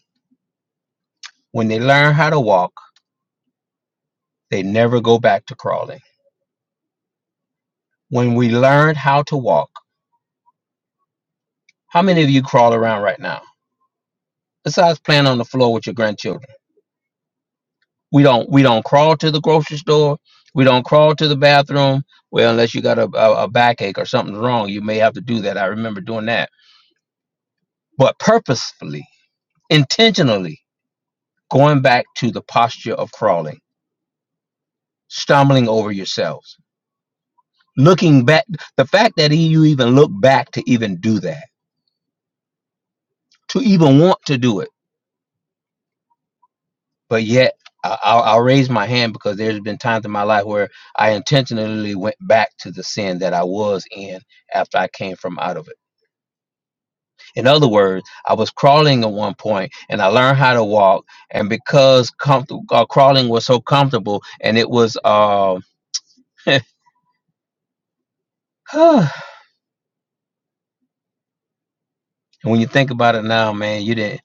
[SPEAKER 6] When they learn how to walk, They never go back to crawling. When we learned how to walk, how many of you crawl around right now? Besides playing on the floor with your grandchildren. We don't we don't crawl to the grocery store. We don't crawl to the bathroom. Well, unless you got a, a, a backache or something's wrong, you may have to do that. I remember doing that. But purposefully, intentionally, going back to the posture of crawling, stumbling over yourselves, looking back. The fact that you even look back to even do that, to even want to do it but yet I- I'll, I'll raise my hand because there's been times in my life where I intentionally went back to the sin that I was in after I came from out of it. In other words, I was crawling at one point and I learned how to walk, and because comfortable uh, crawling was so comfortable, and it was um, and when you think about it now, man, you didn't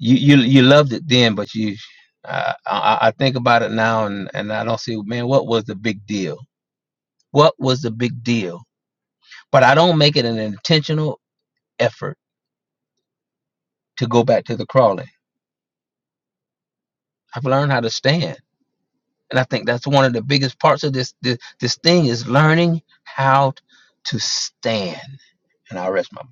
[SPEAKER 6] you you you loved it then, but you. I, I I think about it now, and, and I don't see, man, what was the big deal? What was the big deal? but I don't make it an intentional effort to go back to the crawling. I've learned how to stand, and I think that's one of the biggest parts of this this, this thing is learning how to stand. And I will rest my mind.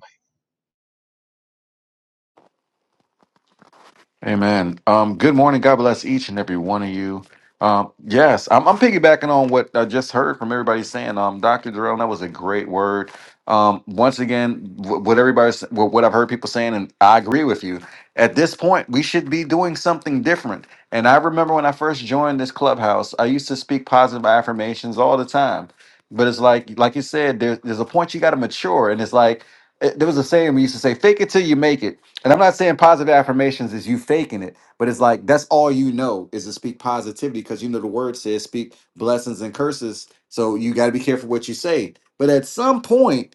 [SPEAKER 7] Amen. Um, good morning. God bless each and every one of you. Um, yes, I'm, I'm piggybacking on what I just heard from everybody saying. Um, Dr. Durrell, that was a great word. Um, once again, wh- what everybody's, what what I've heard people saying, and I agree with you. At this point, we should be doing something different. And I remember when I first joined this clubhouse, I used to speak positive affirmations all the time. But it's like, like you said, there, there's a point you got to mature, and it's like it- there was a saying we used to say, "Fake it till you make it." And I'm not saying positive affirmations is you faking it, but it's like that's all you know is to speak positivity because you know the word says speak blessings and curses. So you got to be careful what you say. But at some point,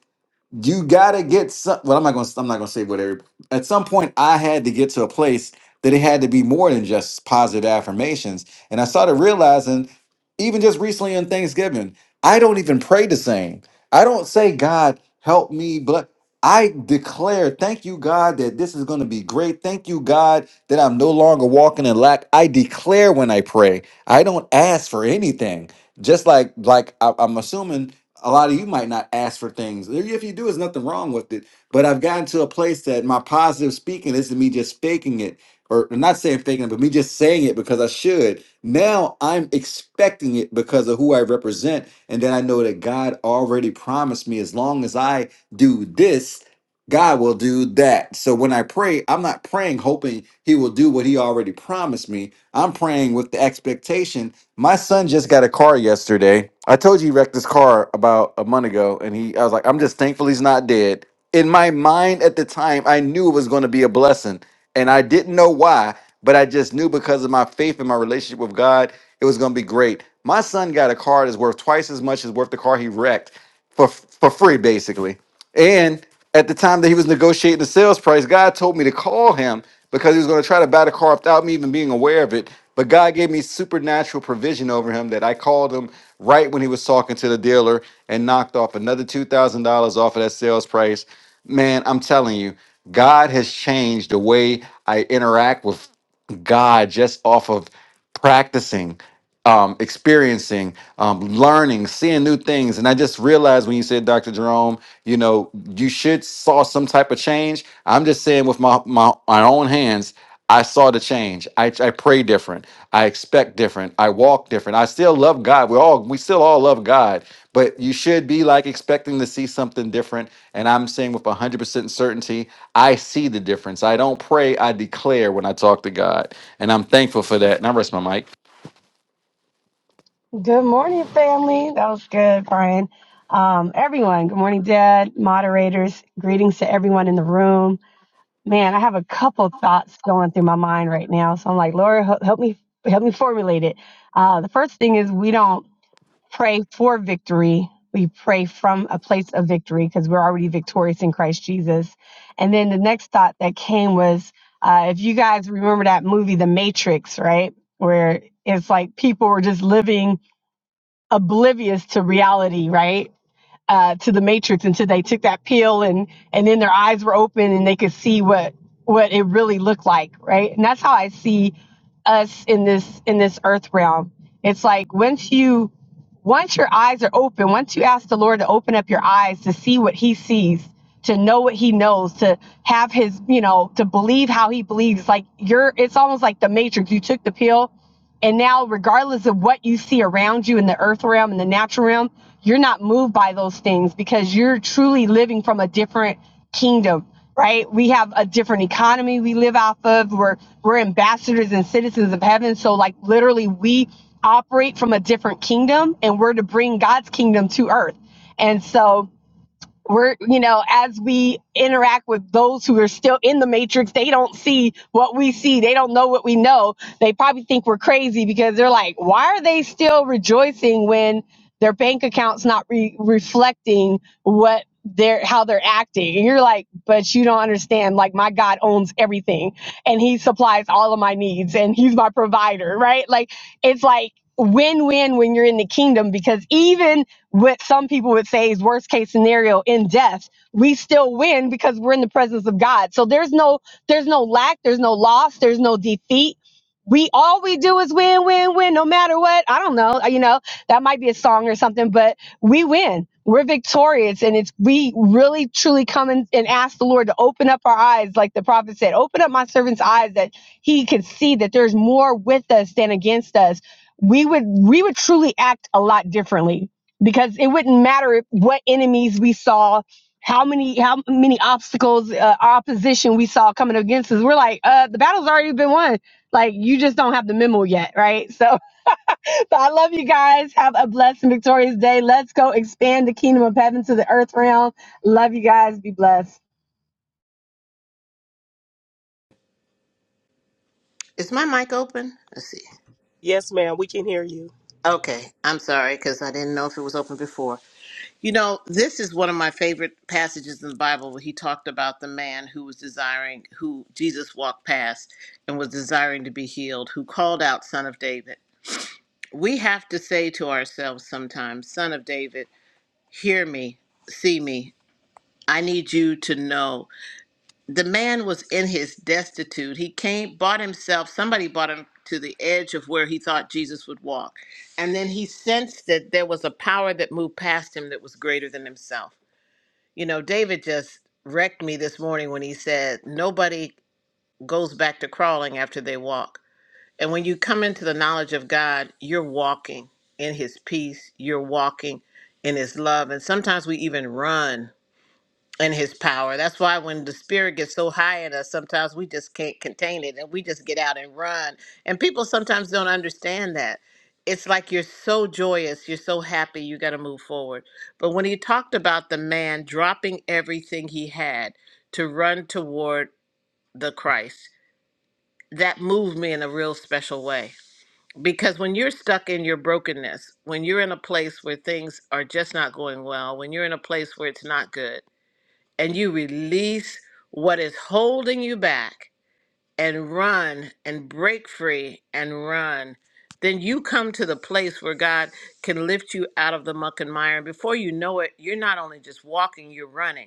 [SPEAKER 7] you gotta get some. Well, I'm not gonna. I'm not gonna say whatever. At some point, I had to get to a place that it had to be more than just positive affirmations, and I started realizing, even just recently on Thanksgiving, I don't even pray the same. I don't say, "God, help me," but I declare, "Thank you, God, that this is going to be great." Thank you, God, that I'm no longer walking in lack. I declare when I pray. I don't ask for anything. Just like like I, I'm assuming a lot of you might not ask for things. If you do, there's nothing wrong with it. But I've gotten to a place that my positive speaking isn't me just faking it, or not saying faking it, but me just saying it because I should. Now I'm expecting it because of who I represent. And then I know that God already promised me as long as I do this, God will do that. So when I pray, I'm not praying hoping he will do what he already promised me. I'm praying with the expectation. My son just got a car yesterday. I told you he wrecked his car about a month ago and he I was like, I'm just thankful he's not dead. In my mind at the time, I knew it was going to be a blessing and I didn't know why, but I just knew because of my faith and my relationship with God, it was going to be great. My son got a car that's worth twice as much as worth the car he wrecked for for free basically and at the time that he was negotiating the sales price, God told me to call him because he was going to try to buy the car without me even being aware of it. But God gave me supernatural provision over him that I called him right when he was talking to the dealer and knocked off another $2,000 off of that sales price. Man, I'm telling you, God has changed the way I interact with God just off of practicing um, experiencing, um, learning, seeing new things. And I just realized when you said, Dr. Jerome, you know, you should saw some type of change. I'm just saying with my my, my own hands, I saw the change. I, I pray different. I expect different. I walk different. I still love God. We all we still all love God, but you should be like expecting to see something different. And I'm saying with 100% certainty, I see the difference. I don't pray. I declare when I talk to God, and I'm thankful for that. And I rest my mic.
[SPEAKER 8] Good morning, family. That was good, Brian. Um, everyone, good morning, Dad, moderators. Greetings to everyone in the room. Man, I have a couple thoughts going through my mind right now. So I'm like, Lord, hel- help me, help me formulate it. Uh, the first thing is we don't pray for victory. We pray from a place of victory because we're already victorious in Christ Jesus. And then the next thought that came was, uh, if you guys remember that movie, The Matrix, right? Where it's like people were just living oblivious to reality, right? Uh, to the matrix until they took that pill and and then their eyes were open and they could see what what it really looked like, right? And that's how I see us in this in this earth realm. It's like once you once your eyes are open, once you ask the Lord to open up your eyes to see what he sees, to know what he knows, to have his, you know, to believe how he believes, like you're it's almost like the matrix. You took the pill and now, regardless of what you see around you in the earth realm and the natural realm, you're not moved by those things because you're truly living from a different kingdom, right? We have a different economy we live off of. We're we're ambassadors and citizens of heaven. So like literally we operate from a different kingdom and we're to bring God's kingdom to earth. And so we're you know as we interact with those who are still in the matrix they don't see what we see they don't know what we know they probably think we're crazy because they're like why are they still rejoicing when their bank account's not re- reflecting what they're how they're acting and you're like but you don't understand like my god owns everything and he supplies all of my needs and he's my provider right like it's like win-win when you're in the kingdom because even what some people would say is worst case scenario in death we still win because we're in the presence of god so there's no there's no lack there's no loss there's no defeat we all we do is win win win no matter what i don't know you know that might be a song or something but we win we're victorious and it's we really truly come in and ask the lord to open up our eyes like the prophet said open up my servant's eyes that he can see that there's more with us than against us we would we would truly act a lot differently because it wouldn't matter if- what enemies we saw how many how many obstacles uh, opposition we saw coming against us we're like uh the battle's already been won like you just don't have the memo yet right so but i love you guys have a blessed and victorious day let's go expand the kingdom of heaven to the earth realm love you guys be blessed
[SPEAKER 3] Is my mic open? Let's see.
[SPEAKER 1] Yes, ma'am. We can hear you.
[SPEAKER 3] Okay, I'm sorry because I didn't know if it was open before. You know, this is one of my favorite passages in the Bible where he talked about the man who was desiring, who Jesus walked past and was desiring to be healed, who called out, Son of David. We have to say to ourselves sometimes, Son of David, hear me, see me. I need you to know the man was in his destitute. He came, bought himself, somebody bought him to the edge of where he thought Jesus would walk. And then he sensed that there was a power that moved past him that was greater than himself. You know, David just wrecked me this morning when he said, Nobody goes back to crawling after they walk. And when you come into the knowledge of God, you're walking in his peace, you're walking in his love. And sometimes we even run and his power. That's why when the spirit gets so high in us, sometimes we just can't contain it and we just get out and run. And people sometimes don't understand that. It's like you're so joyous, you're so happy, you got to move forward. But when he talked about the man dropping everything he had to run toward the Christ, that moved me in a real special way. Because when you're stuck in your brokenness, when you're in a place where things are just not going well, when you're in a place where it's not good, and you release what is holding you back and run and break free and run, then you come to the place where God can lift you out of the muck and mire. And before you know it, you're not only just walking, you're running.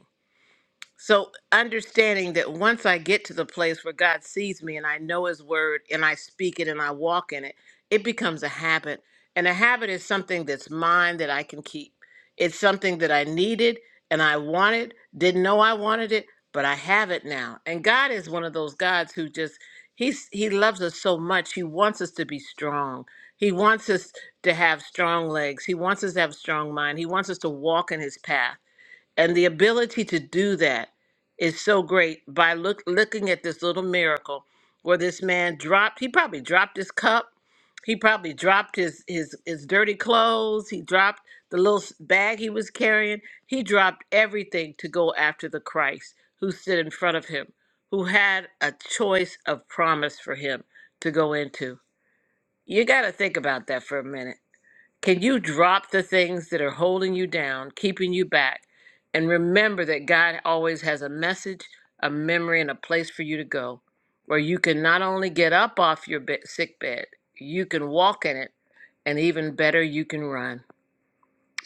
[SPEAKER 3] So, understanding that once I get to the place where God sees me and I know His word and I speak it and I walk in it, it becomes a habit. And a habit is something that's mine that I can keep. It's something that I needed and I wanted, didn't know I wanted it, but I have it now. And God is one of those gods who just, he's, He loves us so much. He wants us to be strong. He wants us to have strong legs. He wants us to have a strong mind. He wants us to walk in His path. And the ability to do that is so great by look, looking at this little miracle where this man dropped, he probably dropped his cup. He probably dropped his, his, his dirty clothes. He dropped the little s- bag he was carrying. He dropped everything to go after the Christ who stood in front of him, who had a choice of promise for him to go into. You got to think about that for a minute can you drop the things that are holding you down, keeping you back, and remember that God always has a message, a memory, and a place for you to go where you can not only get up off your be- sick bed, you can walk in it, and even better, you can run.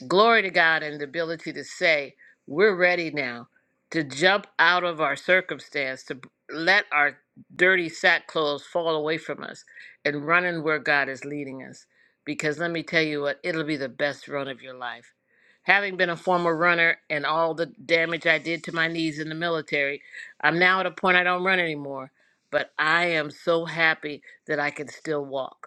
[SPEAKER 3] Glory to God and the ability to say, we're ready now to jump out of our circumstance, to let our dirty sack clothes fall away from us and run in where God is leading us. Because let me tell you what, it'll be the best run of your life. Having been a former runner and all the damage I did to my knees in the military, I'm now at a point I don't run anymore. But I am so happy that I can still walk.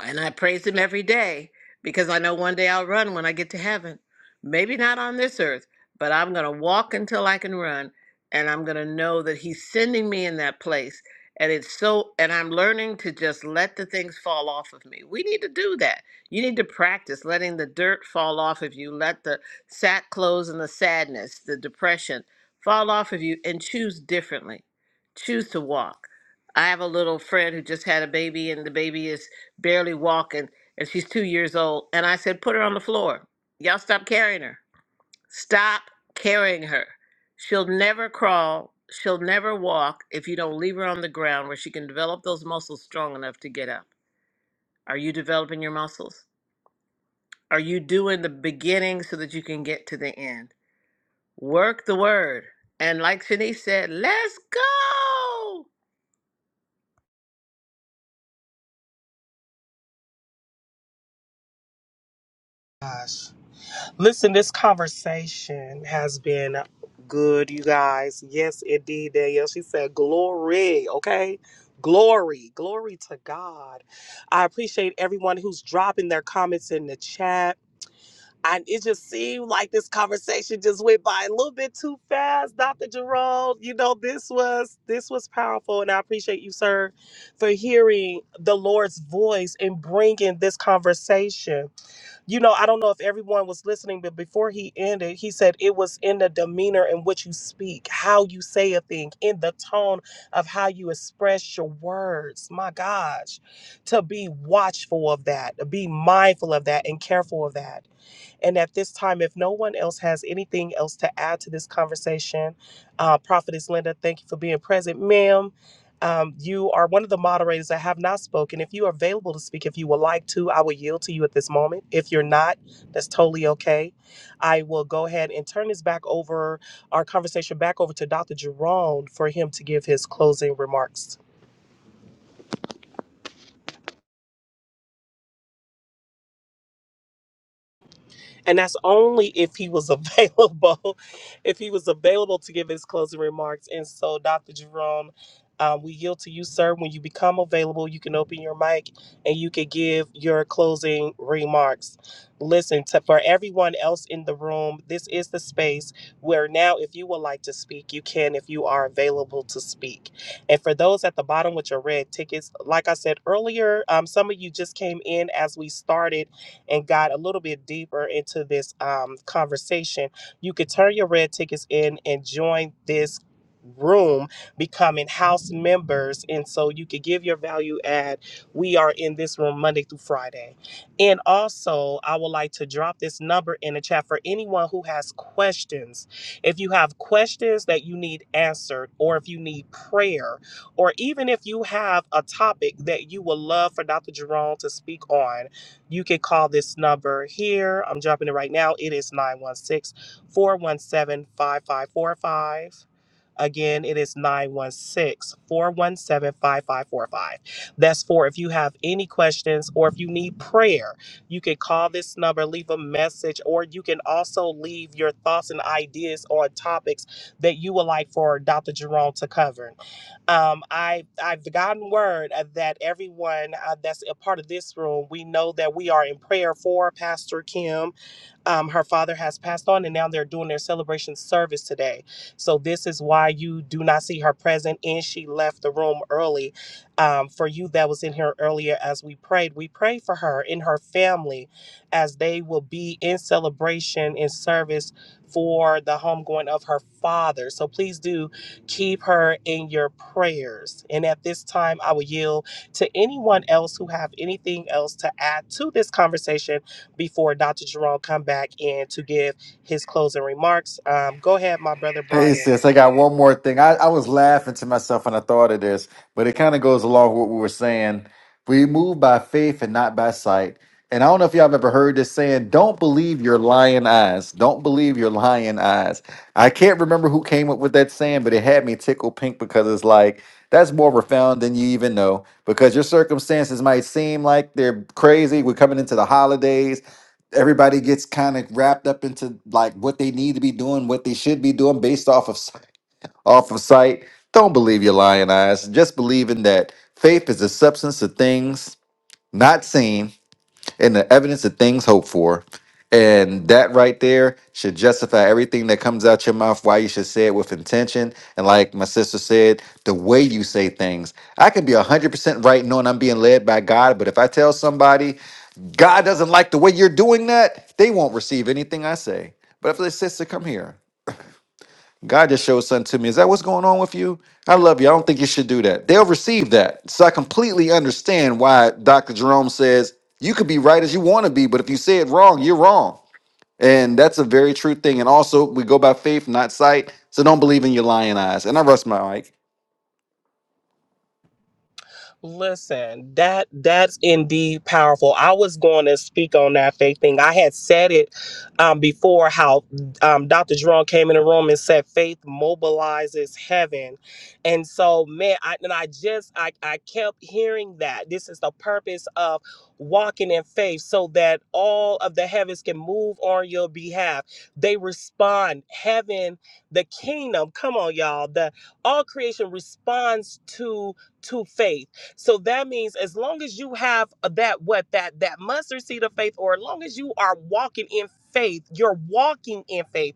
[SPEAKER 3] And I praise him every day because I know one day I'll run when I get to heaven. Maybe not on this earth, but I'm going to walk until I can run. And I'm going to know that he's sending me in that place. And it's so, and I'm learning to just let the things fall off of me. We need to do that. You need to practice letting the dirt fall off of you, let the sack clothes and the sadness, the depression fall off of you, and choose differently. Choose to walk. I have a little friend who just had a baby, and the baby is barely walking, and she's two years old. And I said, Put her on the floor. Y'all stop carrying her. Stop carrying her. She'll never crawl. She'll never walk if you don't leave her on the ground where she can develop those muscles strong enough to get up. Are you developing your muscles? Are you doing the beginning so that you can get to the end? Work the word. And like Shanice said, let's go.
[SPEAKER 1] Gosh. Listen, this conversation has been good, you guys. Yes, indeed, Danielle. She said, Glory, okay? Glory, glory to God. I appreciate everyone who's dropping their comments in the chat. And it just seemed like this conversation just went by a little bit too fast, Dr. Jerome. You know, this was this was powerful, and I appreciate you, sir, for hearing the Lord's voice and bringing this conversation you know, I don't know if everyone was listening, but before he ended, he said it was in the demeanor in which you speak, how you say a thing, in the tone of how you express your words. My gosh, to be watchful of that, to be mindful of that, and careful of that. And at this time, if no one else has anything else to add to this conversation, uh, Prophetess Linda, thank you for being present. Ma'am, um, you are one of the moderators that have not spoken. If you are available to speak, if you would like to, I will yield to you at this moment. If you're not, that's totally okay. I will go ahead and turn this back over, our conversation back over to Dr. Jerome for him to give his closing remarks. and that's only if he was available if he was available to give his closing remarks and so dr jerome um, we yield to you sir when you become available you can open your mic and you can give your closing remarks listen to for everyone else in the room this is the space where now if you would like to speak you can if you are available to speak and for those at the bottom with your red tickets like i said earlier um, some of you just came in as we started and got a little bit deeper into this um, conversation, you could turn your red tickets in and join this room becoming house members and so you could give your value add we are in this room monday through friday and also i would like to drop this number in the chat for anyone who has questions if you have questions that you need answered or if you need prayer or even if you have a topic that you would love for dr jerome to speak on you can call this number here. I'm dropping it right now. It is 916, 417 5545. Again, it is 916, 417 5545. That's for if you have any questions or if you need prayer, you can call this number, leave a message, or you can also leave your thoughts and ideas on topics that you would like for Dr. Jerome to cover. Um, I I've gotten word uh, that everyone uh, that's a part of this room, we know that we are in prayer for Pastor Kim um, her father has passed on, and now they're doing their celebration service today. So this is why you do not see her present, and she left the room early. Um, for you that was in here earlier, as we prayed, we pray for her and her family, as they will be in celebration and service for the homegoing of her father. So please do keep her in your prayers. And at this time, I will yield to anyone else who have anything else to add to this conversation before Dr. Jerome come back in to give his closing remarks. Um, go ahead, my brother
[SPEAKER 7] Hey
[SPEAKER 1] Brian.
[SPEAKER 7] sis, I got one more thing. I, I was laughing to myself when I thought of this, but it kind of goes along with what we were saying. We move by faith and not by sight. And I don't know if y'all have ever heard this saying, don't believe your lying eyes. Don't believe your lying eyes. I can't remember who came up with that saying, but it had me tickle pink because it's like, that's more profound than you even know because your circumstances might seem like they're crazy. We're coming into the holidays everybody gets kind of wrapped up into like what they need to be doing, what they should be doing based off of s- off of sight. Don't believe your lying eyes. Just believe in that faith is the substance of things not seen and the evidence of things hoped for. And that right there should justify everything that comes out your mouth, why you should say it with intention. And like my sister said, the way you say things. I can be 100% right knowing I'm being led by God, but if I tell somebody, God doesn't like the way you're doing that, they won't receive anything I say. But if they sister, come here. God just showed something to me. Is that what's going on with you? I love you. I don't think you should do that. They'll receive that. So I completely understand why Dr. Jerome says you could be right as you want to be, but if you say it wrong, you're wrong. And that's a very true thing. And also, we go by faith, not sight. So don't believe in your lying eyes. And I rest my mic.
[SPEAKER 1] Listen, that that's indeed powerful. I was going to speak on that faith thing. I had said it um, before how um, Dr. Jerome came in the room and said faith mobilizes heaven, and so man, I, and I just I I kept hearing that this is the purpose of walking in faith, so that all of the heavens can move on your behalf. They respond. Heaven, the kingdom. Come on, y'all. The all creation responds to to faith so that means as long as you have that what that that mustard seed of faith, or as long as you are walking in faith, you're walking in faith,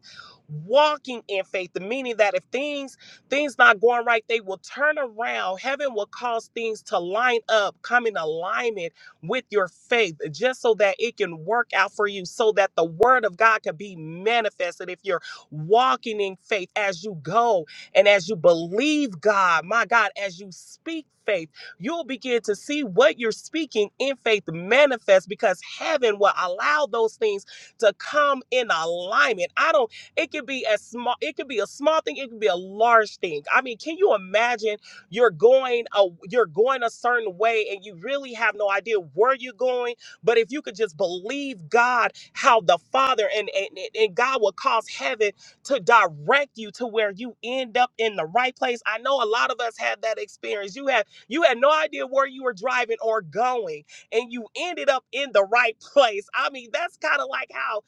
[SPEAKER 1] walking in faith. The meaning that if things things not going right, they will turn around. Heaven will cause things to line up, come in alignment with your faith, just so that it can work out for you, so that the word of God can be manifested. If you're walking in faith as you go and as you believe God, my God, as you speak faith you'll begin to see what you're speaking in faith manifest because heaven will allow those things to come in alignment. I don't, it could be a small, it could be a small thing, it could be a large thing. I mean, can you imagine you're going a you're going a certain way and you really have no idea where you're going? But if you could just believe God, how the Father and, and, and God will cause heaven to direct you to where you end up in the right place. I know a lot of us have that experience. You have you had no idea where you were driving or going, and you ended up in the right place. I mean, that's kind of like how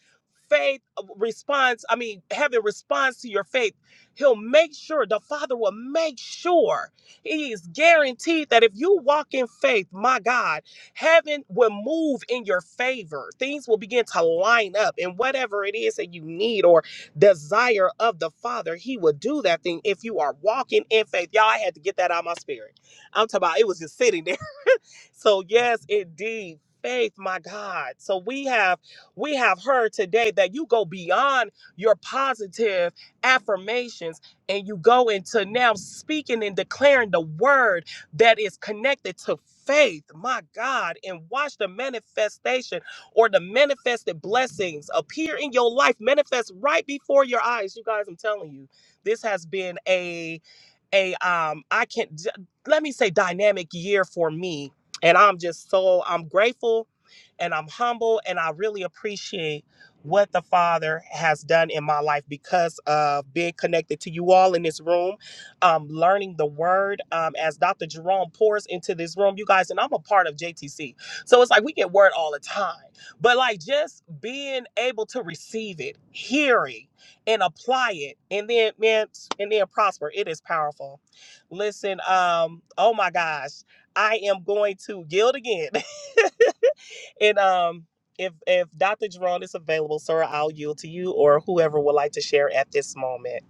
[SPEAKER 1] faith uh, responds. I mean, heaven responds to your faith. He'll make sure, the Father will make sure. He is guaranteed that if you walk in faith, my God, heaven will move in your favor. Things will begin to line up, and whatever it is that you need or desire of the Father, He will do that thing if you are walking in faith. Y'all, I had to get that out of my spirit I'm talking about it was just sitting there. So yes, indeed. Faith, my God. So we have we have heard today that you go beyond your positive affirmations and you go into now speaking and declaring the word that is connected to faith, my God, and watch the manifestation or the manifested blessings appear in your life, manifest right before your eyes. You guys, I'm telling you, this has been a um I can't d- let me say dynamic year for me and I'm just so I'm grateful and I'm humble and I really appreciate what the father has done in my life because of being connected to you all in this room um learning the word um as Dr. Jerome pours into this room you guys and I'm a part of JTC so it's like we get word all the time but like just being able to receive it hearing and apply it and then man and then prosper it is powerful listen um oh my gosh i am going to yield again and um if if dr jerome is available sir i'll yield to you or whoever would like to share at this moment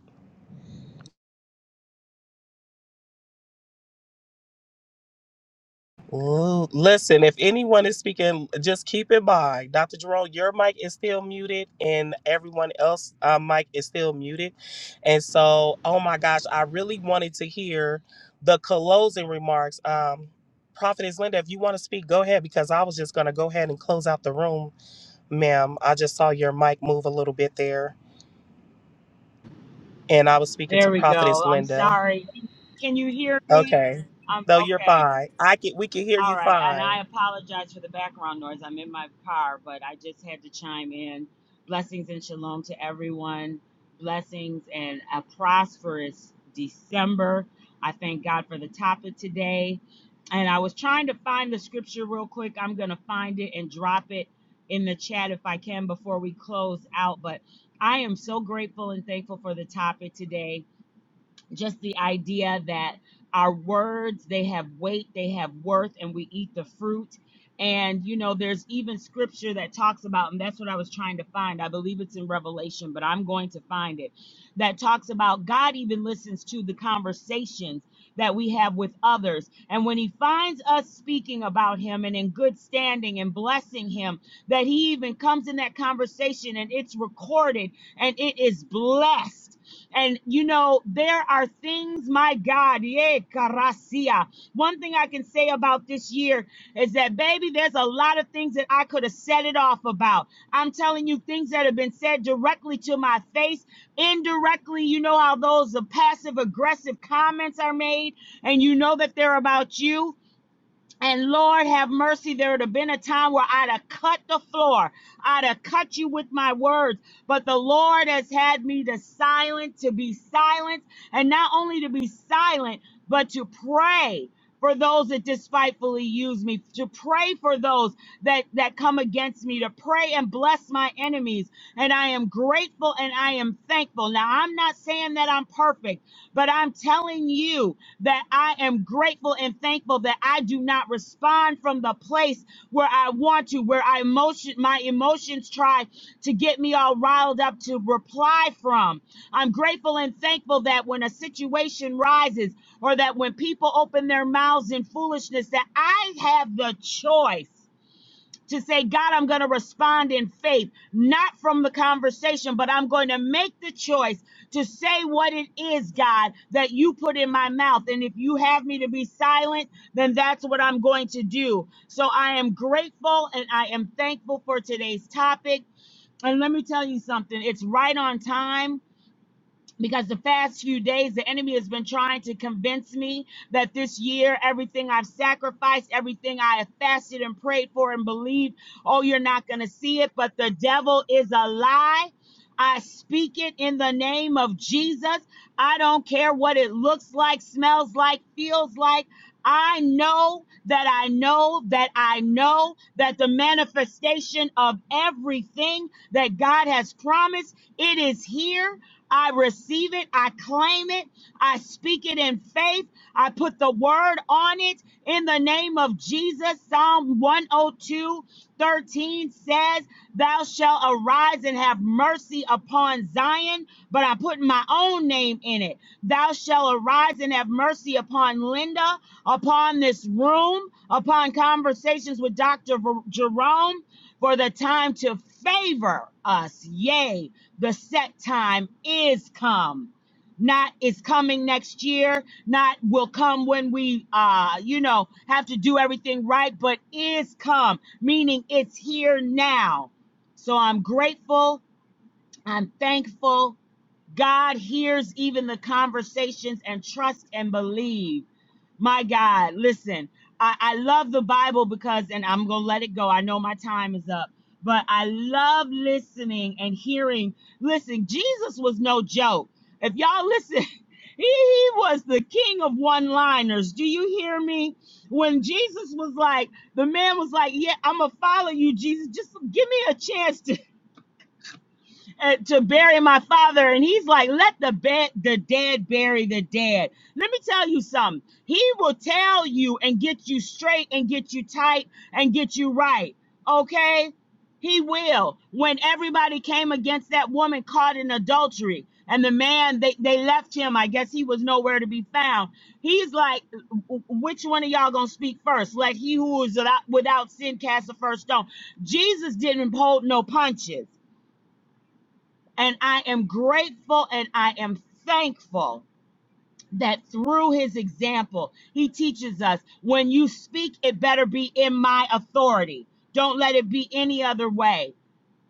[SPEAKER 1] Ooh, Listen, if anyone is speaking, just keep in mind, Dr. Jerome, your mic is still muted, and everyone else' uh, mic is still muted. And so, oh my gosh, I really wanted to hear the closing remarks. Um, Prophetess Linda, if you want to speak, go ahead, because I was just going to go ahead and close out the room, ma'am. I just saw your mic move a little bit there, and I was speaking
[SPEAKER 9] There
[SPEAKER 1] to
[SPEAKER 9] we
[SPEAKER 1] Prophetess
[SPEAKER 9] go. I'm
[SPEAKER 1] Linda.
[SPEAKER 9] sorry. Can you hear me?
[SPEAKER 1] Okay,
[SPEAKER 9] Um,
[SPEAKER 1] no, you're
[SPEAKER 9] okay.
[SPEAKER 1] fine. I can, we can hear
[SPEAKER 9] All
[SPEAKER 1] you
[SPEAKER 9] right. And
[SPEAKER 1] fine.
[SPEAKER 9] I apologize for the background noise. I'm in my car, but I just had to chime in. Blessings and shalom to everyone. Blessings and a prosperous December. I thank God for the topic today. And I was trying to find the scripture real quick. I'm going to find it and drop it in the chat if I can before we close out. But I am so grateful and thankful for the topic today just the idea that our words they have weight they have worth and we eat the fruit and you know there's even scripture that talks about and that's what i was trying to find i believe it's in revelation but i'm going to find it that talks about god even listens to the conversations that we have with others and when he finds us speaking about him and in good standing and blessing him that he even comes in that conversation and it's recorded and it is blessed and you know, there are things, my God, yeah, caracia. One thing I can say about this year is that, baby, there's a lot of things that I could have said it off about. I'm telling you, things that have been said directly to my face, indirectly. You know how those passive aggressive comments are made, and you know that they're about you. And Lord have mercy, there would have been a time where I'd have cut the floor. I'd have cut you with my words. But the Lord has had me to silent, to be silent, and not only to be silent, but to pray for those that despitefully use me, to pray for those that, that come against me, to pray and bless my enemies. And I am grateful and I am thankful. Now, I'm not saying that I'm perfect, but I'm telling you that I am grateful and thankful that I do not respond from the place where I want to, where I emotion, my emotions try to get me all riled up to reply from. I'm grateful and thankful that when a situation rises or that when people open their mouths in foolishness, that I have the choice to say, God, I'm going to respond in faith, not from the conversation, but I'm going to make the choice to say what it is, God, that you put in my mouth. And if you have me to be silent, then that's what I'm going to do. So I am grateful and I am thankful for today's topic. And let me tell you something, it's right on time because the past few days the enemy has been trying to convince me that this year everything i've sacrificed everything i have fasted and prayed for and believed oh you're not going to see it but the devil is a lie I speak it in the name of Jesus. I don't care what it looks like, smells like, feels like. I know that I know that I know that the manifestation of everything that God has promised, it is here I receive it. I claim it. I speak it in faith. I put the word on it in the name of Jesus. Psalm 102:13 says, Thou shalt arise and have mercy upon Zion, but I put my own name in it. Thou shalt arise and have mercy upon Linda, upon this room, upon conversations with Dr. Ver- Jerome, for the time to favor us. Yay the set time is come not is coming next year not will come when we uh you know have to do everything right but is come meaning it's here now so i'm grateful i'm thankful God hears even the conversations and trust and believe. My God, listen, I, I love the Bible because, and I'm going to let it go. I know my time is up, but I love listening and hearing. Listen, Jesus was no joke. If y'all listen, he, he was the king of one liners. Do you hear me? When Jesus was like, the man was like, Yeah, I'm going to follow you, Jesus. Just give me a chance to uh, to bury my father. And he's like, let the bed, the dead bury the dead. Let me tell you something. He will tell you and get you straight and get you tight and get you right. Okay? He will. When everybody came against that woman caught in adultery and the man, they, they left him. I guess he was nowhere to be found. He's like, which one of y'all gonna speak first? Let he who is without, without sin cast the first stone. Jesus didn't hold no punches. And I am grateful and I am thankful that through his example, he teaches us when you speak, it better be in my authority. Don't let it be any other way.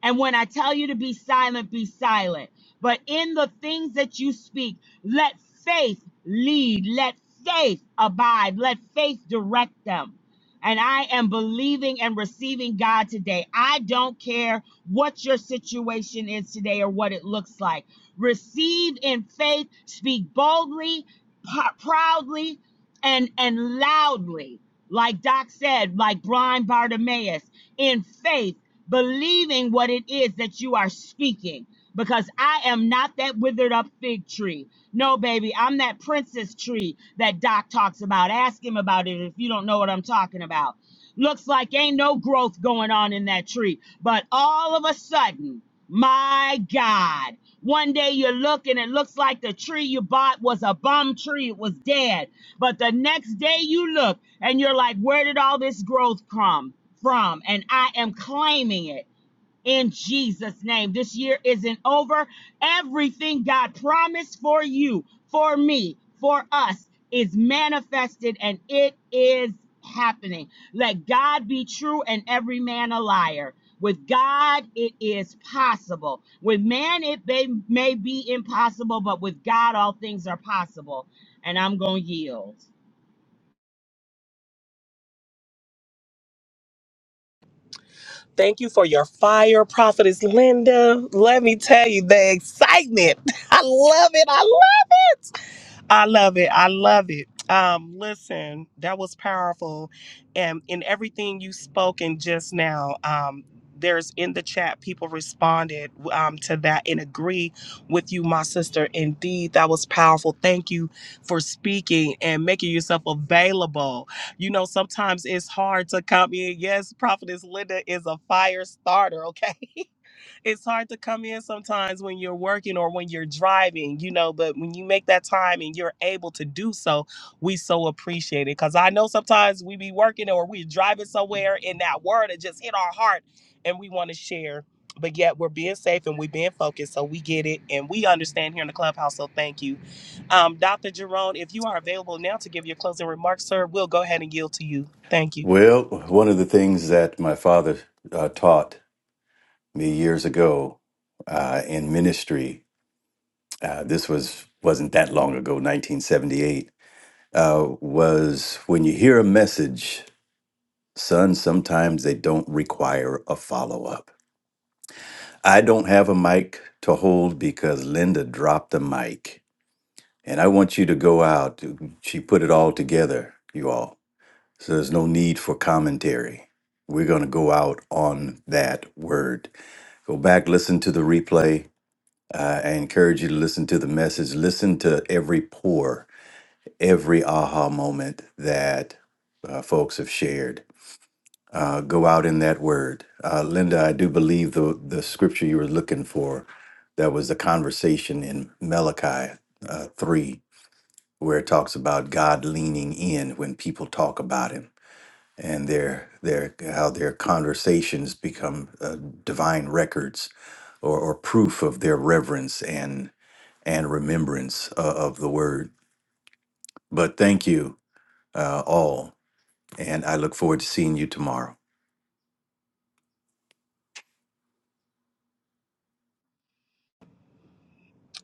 [SPEAKER 9] And when I tell you to be silent, be silent. But in the things that you speak, let faith lead, let faith abide, let faith direct them. And I am believing and receiving God today. I don't care what your situation is today or what it looks like. Receive in faith, speak boldly, proudly, and, and loudly. Like Doc said, like blind Bartimaeus, in faith believing what it is that you are speaking. Because I am not that withered up fig tree. No, baby, I'm that princess tree that Doc talks about. Ask him about it if you don't know what I'm talking about. Looks like ain't no growth going on in that tree. But all of a sudden, my God, one day you look and it looks like the tree you bought was a bum tree. It was dead. But the next day you look and you're like, where did all this growth come from? And I am claiming it in Jesus' name. This year isn't over. Everything God promised for you, for me, for us is manifested and it is happening. Let God be true and every man a liar. With God, it is possible. With man, it may, may be impossible, but with God, all things are possible. And I'm going to yield.
[SPEAKER 1] Thank you for your fire, Prophetess Linda. Let me tell you the excitement. I love it. I I love it. I love it. Um, listen, that was powerful. And in everything you spoken just now, um, there's in the chat, people responded um, to that and agree with you, my sister. Indeed, that was powerful. Thank you for speaking and making yourself available. You know, sometimes it's hard to come in. Yes, Prophetess Linda is a fire starter, okay? it's hard to come in sometimes when you're working or when you're driving, you know, but when you make that time and you're able to do so, we so appreciate it. Cause I know sometimes we be working or we driving somewhere and that word it just hit our heart and we want to share. But yet we're being safe and we're being focused. So we get it and we understand here in the clubhouse. So thank you. Um, Dr. Jerome, if you are available now to give your closing remarks, sir, we'll go ahead and yield to you. Thank you.
[SPEAKER 4] Well, one of the things that my father uh, taught me years ago uh, in ministry, uh, this was wasn't that long ago, 1978, uh, was when you hear a message, son, sometimes they don't require a follow up. I don't have a mic to hold because Linda dropped the mic. And I want you to go out. She put it all together, you all. So there's no need for commentary. We're going to go out on that word. Go back, listen to the replay. Uh, I encourage you to listen to the message. Listen to every pour, every aha moment that uh, folks have shared uh, go out in that word. Uh, Linda, I do believe the, the scripture you were looking for, that was the conversation in Malachi uh, 3, where it talks about God leaning in when people talk about him and their, their, how their conversations become uh, divine records or, or proof of their reverence and, and remembrance uh, of the word. But thank you uh, all, and I look forward to seeing you tomorrow.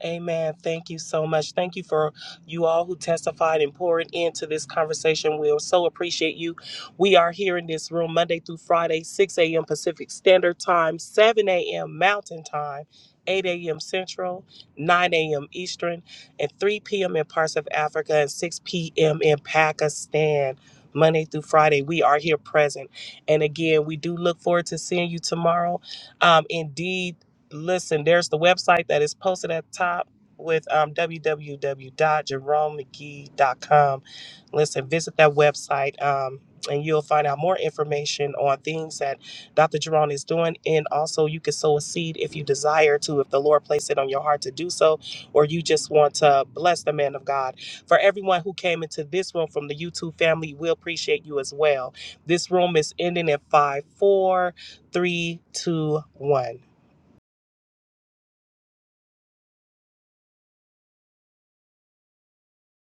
[SPEAKER 1] Amen. Thank you so much. Thank you for you all who testified and poured into this conversation. we so appreciate you. We are here in this room Monday through Friday, 6 a.m. Pacific Standard Time, 7 a.m. Mountain Time, 8 a.m. Central, 9 a.m. Eastern, and 3 p.m. in parts of Africa and 6 p.m. in Pakistan. Monday through Friday, we are here present. And again, we do look forward to seeing you tomorrow. Um, indeed, listen, there's the website that is posted at the top with um, w w w dot jerome mcgee dot com. Listen, visit that website um, and you'll find out more information on things that Dr. Jerome is doing. And also, you can sow a seed if you desire to, if the Lord placed it on your heart to do so, or you just want to bless the man of God. For everyone who came into this room from the YouTube family, we appreciate you as well. This room is ending at five, four, three, two, one.